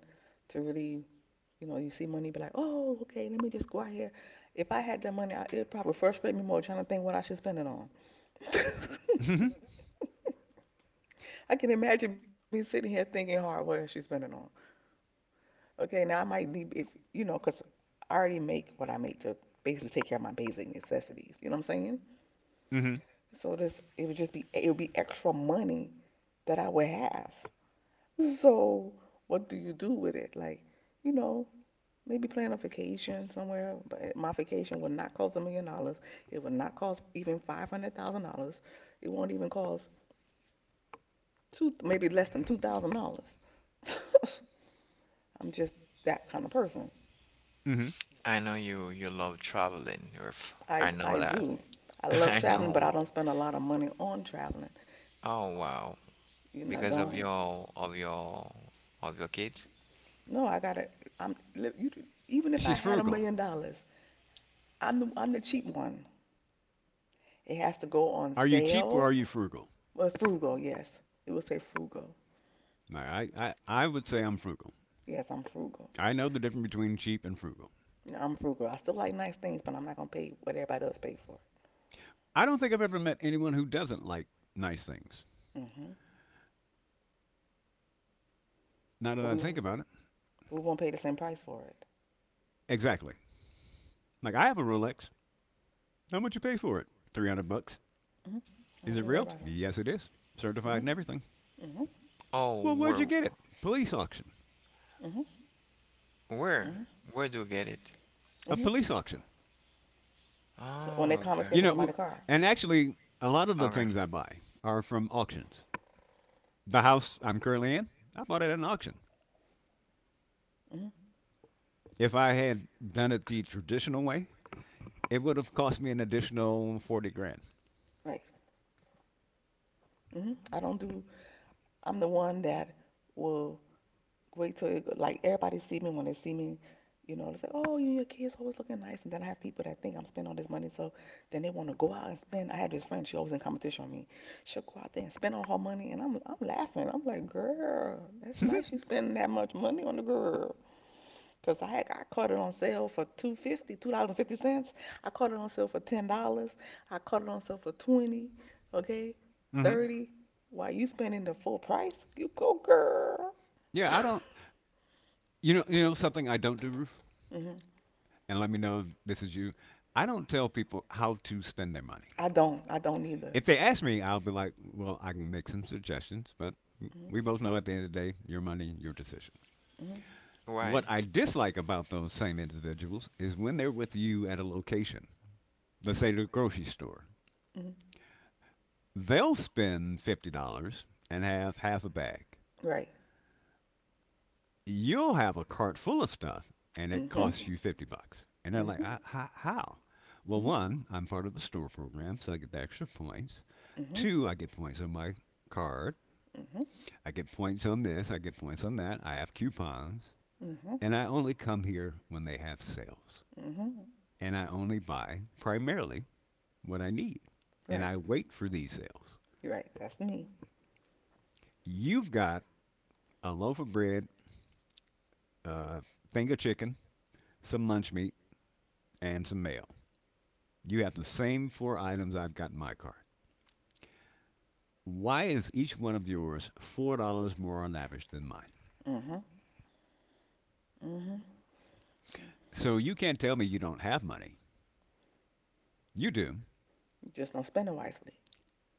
Speaker 2: to really, you see money, be like, oh, okay, let me just go out here. If I had that money, it'd probably frustrate me more trying to think what I should spend it on.
Speaker 3: Mm hmm.
Speaker 2: I can imagine me sitting here thinking hard, what I should spend it on. Okay, now I might need if, 'cause I already make what I make to basically take care of my basic necessities. You know what I'm saying?
Speaker 3: Mm hmm.
Speaker 2: So this it would be extra money that I would have. So, what do you do with it? Like, you know, maybe plan a vacation somewhere. But my vacation will not cost $1 million. It will not cost even $500,000. It won't even cost two, maybe less than $2,000. I'm just that kind of person.
Speaker 3: Mm hmm.
Speaker 1: I know you you love traveling, Earth.
Speaker 2: I
Speaker 1: I
Speaker 2: I
Speaker 1: know that.
Speaker 2: do. I love
Speaker 1: I
Speaker 2: traveling, but I
Speaker 1: know.
Speaker 2: don't spend a lot of money on traveling.
Speaker 1: Oh wow.
Speaker 2: You know, I
Speaker 1: Because of
Speaker 2: don't.
Speaker 1: your of your of your kids?
Speaker 2: No, I gotta. You. Even if I
Speaker 3: She's
Speaker 2: had a
Speaker 3: frugal.
Speaker 2: million dollars, I'm the cheap one. It has to go on
Speaker 3: Are you cheap or
Speaker 2: sale.
Speaker 3: are you frugal?
Speaker 2: Well, frugal, yes. It will say frugal.
Speaker 3: I would say I'm frugal.
Speaker 2: Yes, I'm frugal.
Speaker 3: I know the difference between cheap and frugal.
Speaker 2: You know, I'm frugal. I still like nice things, but I'm not gonna pay what everybody else pay for.
Speaker 3: I don't think I've ever met anyone who doesn't like nice things.
Speaker 2: Hmm.
Speaker 3: Now that
Speaker 2: But
Speaker 3: I
Speaker 2: we
Speaker 3: think
Speaker 2: won't.
Speaker 3: about it,
Speaker 2: We won't pay the same price for it.
Speaker 3: exactly. Like I have a Rolex. How much you pay for it? $300.
Speaker 2: Hmm. I
Speaker 3: Is
Speaker 2: won't pay
Speaker 3: it
Speaker 2: what
Speaker 3: real?
Speaker 2: everybody else.
Speaker 3: Yes, it is.
Speaker 2: Hmm.
Speaker 3: Certified and everything.
Speaker 2: Hmm.
Speaker 1: Oh,
Speaker 3: Well, where'd you get it? Police auction.
Speaker 2: Hmm. Hmm.
Speaker 1: where, where do you get it?
Speaker 3: A
Speaker 2: Hmm.
Speaker 3: police auction.
Speaker 2: So when they
Speaker 1: Oh, okay,
Speaker 2: confiscate
Speaker 3: You
Speaker 2: from
Speaker 3: know,
Speaker 2: somebody's car.
Speaker 3: and actually, a lot of the
Speaker 1: okay.
Speaker 3: things I buy are from auctions. The house I'm currently in, I bought it at an auction.
Speaker 2: Hmm.
Speaker 3: If I had done it the traditional way, it would have cost me an additional 40 grand.
Speaker 2: Right. Hmm. I don't do. I'm the one that will wait till like everybody see me when they see me, they say, "Oh, you your kids always looking nice," and then I have people that think I'm spending all this money, so then they want to go out and spend. I had this friend; she always in competition with me. She'll go out there and spend all her money, and I'm laughing. I'm like, "Girl, that's nice you spending that much money on the girl." 'Cause I caught it on sale for 2.50, $2 and 50 cents. I caught it on sale for $10. I caught it on sale for 20. Okay,
Speaker 3: hmm
Speaker 2: 30. Why you spending the full price? You go, girl.
Speaker 3: Yeah, I don't. You know something I don't do, Ruth. And let me know if this is you. I don't tell people how to spend their money.
Speaker 2: I don't. I don't either.
Speaker 3: If they ask me, I'll be like, "Well, I can make some suggestions," but
Speaker 2: Hmm.
Speaker 3: we both know at the end of the day, your money, your decision.
Speaker 2: Hmm.
Speaker 3: What
Speaker 1: Why?
Speaker 3: I dislike about those same individuals is when they're with you at a location, let's say the grocery store.
Speaker 2: Hmm.
Speaker 3: They'll spend $50 and have half a bag.
Speaker 2: Right.
Speaker 3: You'll have a cart full of stuff and
Speaker 2: Hmm.
Speaker 3: it
Speaker 2: Hmm.
Speaker 3: costs you $50. And they're like,
Speaker 2: Hmm.
Speaker 3: How? Well,
Speaker 2: Hmm.
Speaker 3: one, I'm part of the store program, so I get the extra points.
Speaker 2: Hmm.
Speaker 3: Two, I get points on my card. I get points on this. I get points on that. I have coupons.
Speaker 2: Hmm.
Speaker 3: And I only come here when they have sales.
Speaker 2: Hmm.
Speaker 3: And I only buy primarily what I need. And
Speaker 2: Right.
Speaker 3: I wait for these sales.
Speaker 2: You're right. That's me.
Speaker 3: You've got a loaf of bread, a thing of chicken, some lunch meat, and some mail. You have the same four items I've got in my cart. Why is each one of yours $4 more lavish than mine?
Speaker 2: Hmm. Hmm.
Speaker 3: So you can't tell me you don't have money. You do.
Speaker 2: You just don't spend it wisely.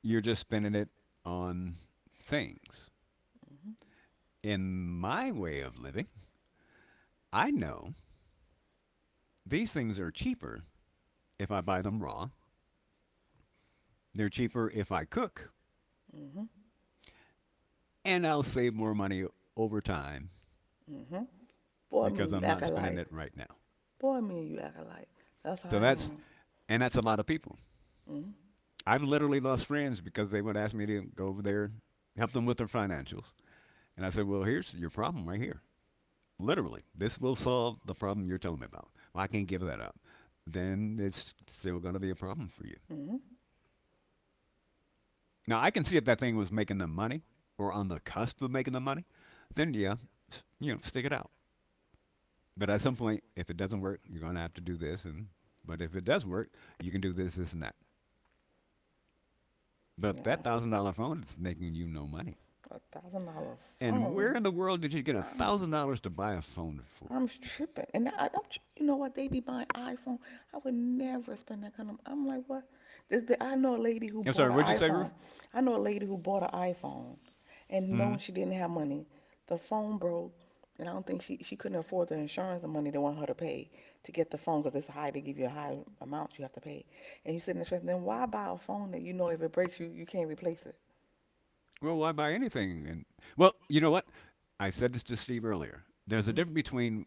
Speaker 3: You're just spending it on things. In my way of living, I know these things are cheaper if I buy them raw. They're cheaper if I cook,
Speaker 2: Hmm. Hmm.
Speaker 3: and I'll save more money over time
Speaker 2: Hmm. Boy, me
Speaker 3: because
Speaker 2: and you
Speaker 3: I'm not
Speaker 2: acting
Speaker 3: spending
Speaker 2: like.
Speaker 3: it right now.
Speaker 2: Boy, me and you acting like. That's how
Speaker 3: So
Speaker 2: I
Speaker 3: that's,
Speaker 2: am.
Speaker 3: and that's a lot of people.
Speaker 2: Hmm.
Speaker 3: I've literally lost friends because they would ask me to go over there, help them with their financials. And I said, well, here's your problem right here. Literally, this will solve the problem you're telling me about. Well, I can't give that up. Then it's still going to be a problem for you.
Speaker 2: Hmm.
Speaker 3: Now, I can see if that thing was making them money or on the cusp of making them money, then yeah, stick it out. But at
Speaker 2: At.
Speaker 3: some point, if it doesn't work, you're going to have to do this. And but if it does work, you can do this, this, and that. But that
Speaker 2: Yeah,
Speaker 3: $1,000 phone is making you no money.
Speaker 2: $1,000
Speaker 3: And where
Speaker 2: phone.
Speaker 3: in the world did you get a
Speaker 2: Uh,
Speaker 3: thousand dollars to buy a phone for?
Speaker 2: I'm tripping, and I'm, you know what? They be buying iPhone. I would never spend that kind of. I'm like, what? I know a lady who
Speaker 3: I'm
Speaker 2: bought
Speaker 3: sorry,
Speaker 2: an
Speaker 3: what'd you say,
Speaker 2: iPhone.
Speaker 3: Ruth?
Speaker 2: I know a lady who bought an iPhone, and
Speaker 3: Mm-hmm.
Speaker 2: knowing she didn't have money, the phone broke, and I don't think she couldn't afford the insurance the money they want her to pay to get the phone because it's high. They give you a high amount you have to pay, and you sit in the stress. Then why buy a phone that you know if it breaks you can't replace it?
Speaker 3: Well, why buy anything? And well, you know what? I said this to Steve earlier. There's a
Speaker 2: Hmm.
Speaker 3: difference between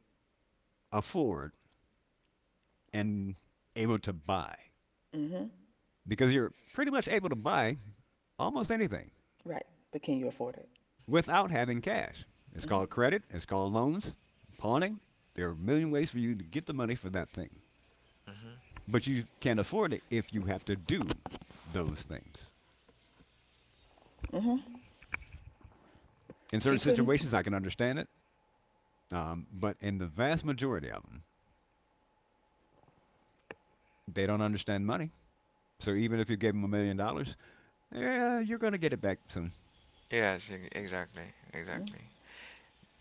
Speaker 3: afford and able to buy,
Speaker 2: Hmm.
Speaker 3: because you're pretty much able to buy almost anything
Speaker 2: Right. But can you afford it?
Speaker 3: without having cash. It's called
Speaker 2: Hmm.
Speaker 3: credit. It's called loans, pawning. There are a million ways for you to get the money for that thing,
Speaker 1: Hmm
Speaker 3: but you can't afford it if you have to do those things.
Speaker 2: Hmm.
Speaker 3: In
Speaker 2: She
Speaker 3: certain
Speaker 2: couldn't.
Speaker 3: situations, I can understand it. But in the vast majority of them, they don't understand money. So even if you gave them $1,000,000, yeah, you're going to get it back soon.
Speaker 1: Yes, e- exactly,
Speaker 2: Mhm.
Speaker 1: exactly,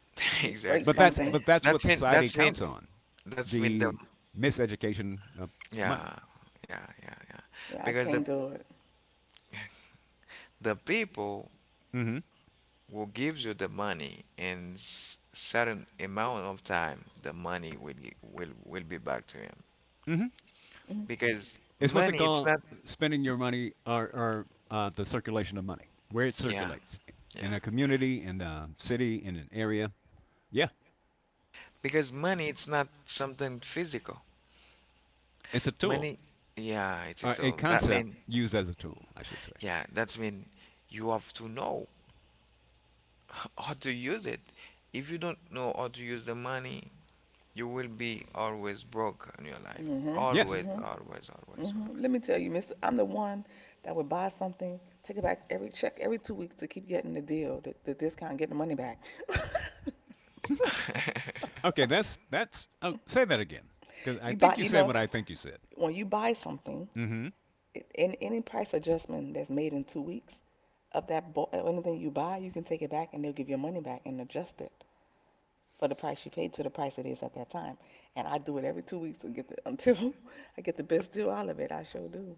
Speaker 2: You break
Speaker 3: But
Speaker 1: exactly.
Speaker 2: something.
Speaker 3: that's what
Speaker 1: That's mean.
Speaker 3: society
Speaker 1: That's mean.
Speaker 3: counts on,
Speaker 1: That's mean. The
Speaker 3: the miseducation of money.
Speaker 1: yeah, yeah, yeah, yeah.
Speaker 2: Yeah, I
Speaker 1: Because
Speaker 2: can't do it.
Speaker 1: the people
Speaker 3: Mm hmm
Speaker 1: who gives you the money in certain amount of time, the money will will be back to him.
Speaker 3: mm hmm
Speaker 2: Mm-hmm.
Speaker 1: Because
Speaker 3: It's what they
Speaker 1: money, it's
Speaker 3: call
Speaker 1: not.
Speaker 3: spending your money, or the circulation of money, where it
Speaker 1: Yeah,
Speaker 3: circulates in
Speaker 1: yeah.
Speaker 3: a community, in a city, in an area. Yeah,
Speaker 1: Because money, it's not something physical.
Speaker 3: it's a tool,
Speaker 1: Many, yeah, it's it
Speaker 3: a
Speaker 1: all. That
Speaker 3: concept
Speaker 1: mean,
Speaker 3: used as a tool, I should say.
Speaker 1: yeah, that's mean you have to know how to use it. If you don't know how to use the money, you will be always broke in your life.
Speaker 2: Mm-hmm.
Speaker 3: Yes.
Speaker 1: Always, always,
Speaker 2: Mm-hmm.
Speaker 1: always,
Speaker 2: Mm-hmm. Let me tell you, Mister, I'm the one that would buy something, take it back every check every 2 weeks to keep getting the deal, the discount, getting the money back.
Speaker 1: always.
Speaker 3: Okay, that's that's. Oh, say that again, because I think you
Speaker 2: You
Speaker 3: said
Speaker 2: know,
Speaker 3: what I think you said.
Speaker 2: when you buy something,
Speaker 3: Hmm
Speaker 2: any price adjustment that's made in 2 weeks of anything you buy, you can take it back and they'll give you your money back and adjust it for the price you paid to the price it is at that time. And I do it every 2 weeks to get until I get the best deal out of it. I sure do.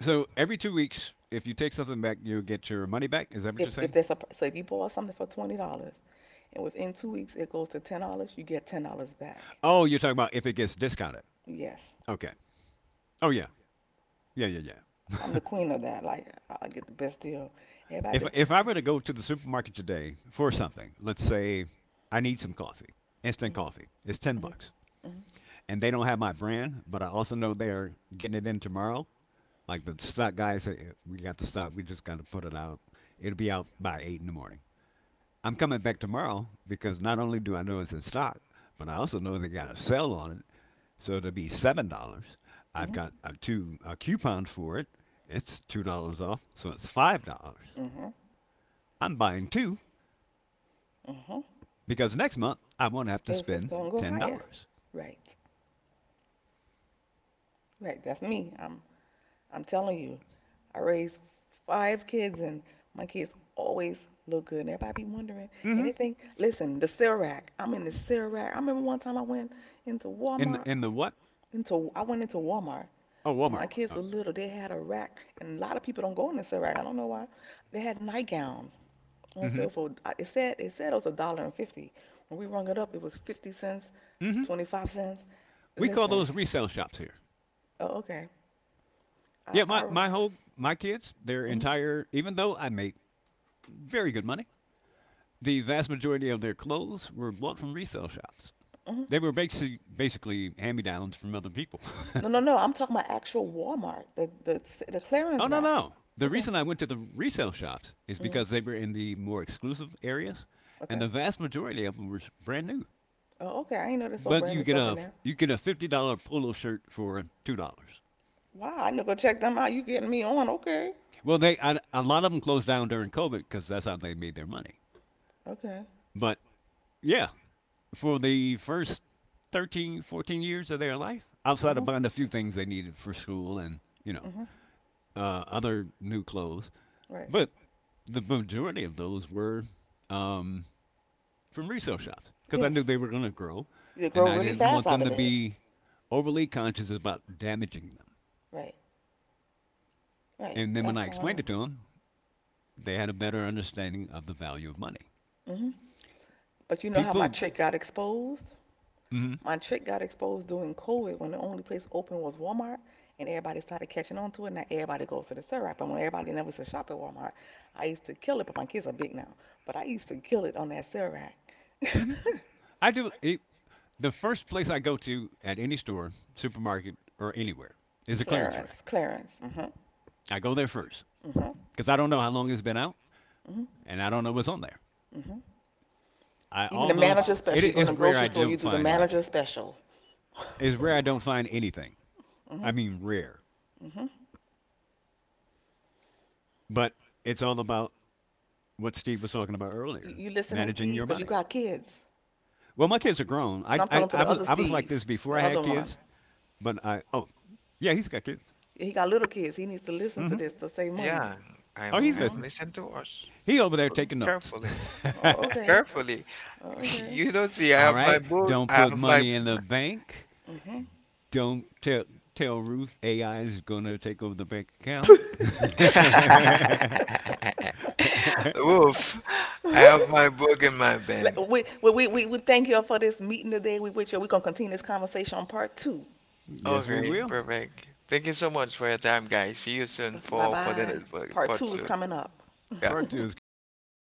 Speaker 3: So every 2 weeks, if you take something back, you get your money back. Is that what you're
Speaker 2: If
Speaker 3: saying?
Speaker 2: there's a so if you bought something for $20 and within 2 weeks it goes to $10, you get $10 back.
Speaker 3: Oh, you're talking about if it gets discounted.
Speaker 2: Yes,
Speaker 3: Okay. Oh yeah, yeah, yeah,
Speaker 2: I'm the
Speaker 3: yeah.
Speaker 2: queen of that. Like I get the best deal. Everybody be
Speaker 3: If I
Speaker 2: like,
Speaker 3: were to go to the supermarket today for something, let's say I need some coffee, instant coffee. It's
Speaker 2: mm,
Speaker 3: ten
Speaker 2: mm,
Speaker 3: bucks,
Speaker 2: mm,
Speaker 3: and they don't have my brand, but I also know they are getting it in tomorrow. Like the stock guys, say, we got the stock. We just got to put it out. It'll be out by eight in the morning. I'm coming back tomorrow because not only do I know it's in stock, but I also know they got a sale on it. So it'll be $7. I've
Speaker 2: mm,
Speaker 3: got a two a coupon for it. It's $2 off, so it's $5.
Speaker 2: mm,
Speaker 3: I'm buying two
Speaker 2: mm.
Speaker 3: because next month I won't have to
Speaker 2: If it's
Speaker 3: spend
Speaker 2: gonna go
Speaker 3: ten
Speaker 2: higher,
Speaker 3: dollars.
Speaker 2: right, right. That's me. I'm telling you. I raised 5 kids, and my kids always look good. And everybody be wondering. And
Speaker 3: Mm-hmm.
Speaker 2: they think, listen, the Cerac. I'm in the Cerac. I remember one time I went into Walmart.
Speaker 3: In the what?
Speaker 2: Into I went into Walmart
Speaker 3: Oh,
Speaker 2: when
Speaker 3: Walmart.
Speaker 2: my kids
Speaker 3: Oh.
Speaker 2: were little. They had a rack, and a lot of people don't go in the Cerac. I don't know why. They had nightgowns on
Speaker 3: Mm-hmm.
Speaker 2: sale for. It said it was a dollar and 50. When we rung it up, it was 50 cents,
Speaker 3: Mm-hmm.
Speaker 2: 25 cents.
Speaker 3: We call
Speaker 2: Listen.
Speaker 3: those resale shops here.
Speaker 2: Oh, okay. I
Speaker 3: Yeah, my
Speaker 2: I.
Speaker 3: my whole my kids, their
Speaker 2: Mm.
Speaker 3: entire even though I made very good money, the vast majority of their clothes were bought from resale shops.
Speaker 2: Mm.
Speaker 3: They were basically hand me downs from other people.
Speaker 2: No, no, no. I'm talking about actual Walmart, the
Speaker 3: Oh,
Speaker 2: clearance
Speaker 3: no,
Speaker 2: rack.
Speaker 3: no. The
Speaker 2: Okay.
Speaker 3: reason I went to the resale shops is because they
Speaker 2: Hmm.
Speaker 3: were in the more exclusive areas, and
Speaker 2: Okay.
Speaker 3: the vast majority of them were brand new.
Speaker 2: Oh, okay. I ain't know there's so
Speaker 3: But
Speaker 2: brand new stuff in there.
Speaker 3: you get a $50 polo shirt for $2.
Speaker 2: Wow. I need to go check them out. You getting me on? Okay.
Speaker 3: Well, a lot of them closed down during COVID because that's how they made their money.
Speaker 2: Okay.
Speaker 3: But yeah, for the first 13, 14 years of their life,
Speaker 2: Uh
Speaker 3: outside of
Speaker 2: huh.
Speaker 3: buying a few things they needed for school and,
Speaker 2: Uh huh.
Speaker 3: other new clothes.
Speaker 2: Right.
Speaker 3: But the majority of those were um, from resale shops because I
Speaker 2: Yes.
Speaker 3: knew they were going to grow
Speaker 2: You grow
Speaker 3: and I
Speaker 2: really
Speaker 3: didn't
Speaker 2: fast
Speaker 3: want
Speaker 2: out
Speaker 3: them
Speaker 2: of
Speaker 3: to
Speaker 2: it.
Speaker 3: be overly conscious about damaging them.
Speaker 2: Right. Right.
Speaker 3: And then when
Speaker 2: That's
Speaker 3: I
Speaker 2: how I
Speaker 3: explained it to them, they had a better understanding of the value of money.
Speaker 2: am. Hmm. But you know how my
Speaker 3: People.
Speaker 2: trick got exposed?
Speaker 3: mm
Speaker 2: My trick got exposed during COVID when the only place open was Walmart, and everybody started catching on to it. Now everybody goes to the syrup, and when everybody never used to shop at Walmart, I used to kill it. But my kids are big now, but I used to kill it on that syrup.
Speaker 3: hmm Mm hmm I do. The first place I go to at any store, supermarket, or anywhere is a clearance rack.
Speaker 2: Clarence, Clarence. Mhm.
Speaker 3: I go there first
Speaker 2: Mhm.
Speaker 3: because I don't know how long it's been out
Speaker 2: Mhm.
Speaker 3: and I don't know what's on there.
Speaker 2: Mhm.
Speaker 3: I
Speaker 2: Even the
Speaker 3: almost
Speaker 2: manager
Speaker 3: it
Speaker 2: special. You go to
Speaker 3: is
Speaker 2: the
Speaker 3: rare I
Speaker 2: grocery store, you
Speaker 3: don't
Speaker 2: do the
Speaker 3: find
Speaker 2: manager
Speaker 3: anything.
Speaker 2: special.
Speaker 3: It's rare I don't find anything.
Speaker 2: Mhm.
Speaker 3: I
Speaker 2: Mhm.
Speaker 3: mean rare. But it's all about what Steve was talking about
Speaker 2: You,
Speaker 3: earlier,
Speaker 2: you listening,
Speaker 3: managing
Speaker 2: Steve?
Speaker 3: your
Speaker 2: Cause you
Speaker 3: money.
Speaker 2: got kids.
Speaker 3: Well, my kids are grown. I
Speaker 2: No, I'm
Speaker 3: I,
Speaker 2: talking to
Speaker 3: I
Speaker 2: the
Speaker 3: was
Speaker 2: other
Speaker 3: like
Speaker 2: Steve,
Speaker 3: this before
Speaker 2: the
Speaker 3: I
Speaker 2: other
Speaker 3: had
Speaker 2: one.
Speaker 3: kids, but I oh yeah, he's got kids.
Speaker 2: He got little kids. He needs to
Speaker 3: Mm
Speaker 2: listen to
Speaker 3: Mhm.
Speaker 2: this to save money.
Speaker 1: Yeah,
Speaker 3: Oh, he's
Speaker 1: I'm
Speaker 2: Mm-hmm.
Speaker 3: listening.
Speaker 1: listening to us
Speaker 3: He over there taking notes.
Speaker 1: carefully.
Speaker 2: Oh, okay.
Speaker 1: Carefully.
Speaker 2: Oh, okay.
Speaker 1: You don't see I
Speaker 3: All
Speaker 1: have my
Speaker 3: right.
Speaker 1: book.
Speaker 3: Don't
Speaker 1: I
Speaker 3: put
Speaker 1: have my
Speaker 3: money in the bank.
Speaker 2: Mm-hmm.
Speaker 3: Don't tell tell Ruth AI is going to take over the bank account.
Speaker 1: Woof. I have my book in my bed.
Speaker 2: We thank you all for this meeting today. We with you. We're going to continue this conversation on part 2.
Speaker 3: Yes, we
Speaker 1: Okay,
Speaker 3: will.
Speaker 1: perfect. Thank you so much for your time, guys. See you soon
Speaker 2: Bye
Speaker 1: for for
Speaker 2: bye.
Speaker 1: the for
Speaker 2: Part
Speaker 1: part
Speaker 2: two is
Speaker 1: two.
Speaker 2: coming up.
Speaker 1: Yeah.
Speaker 3: Part two is coming up.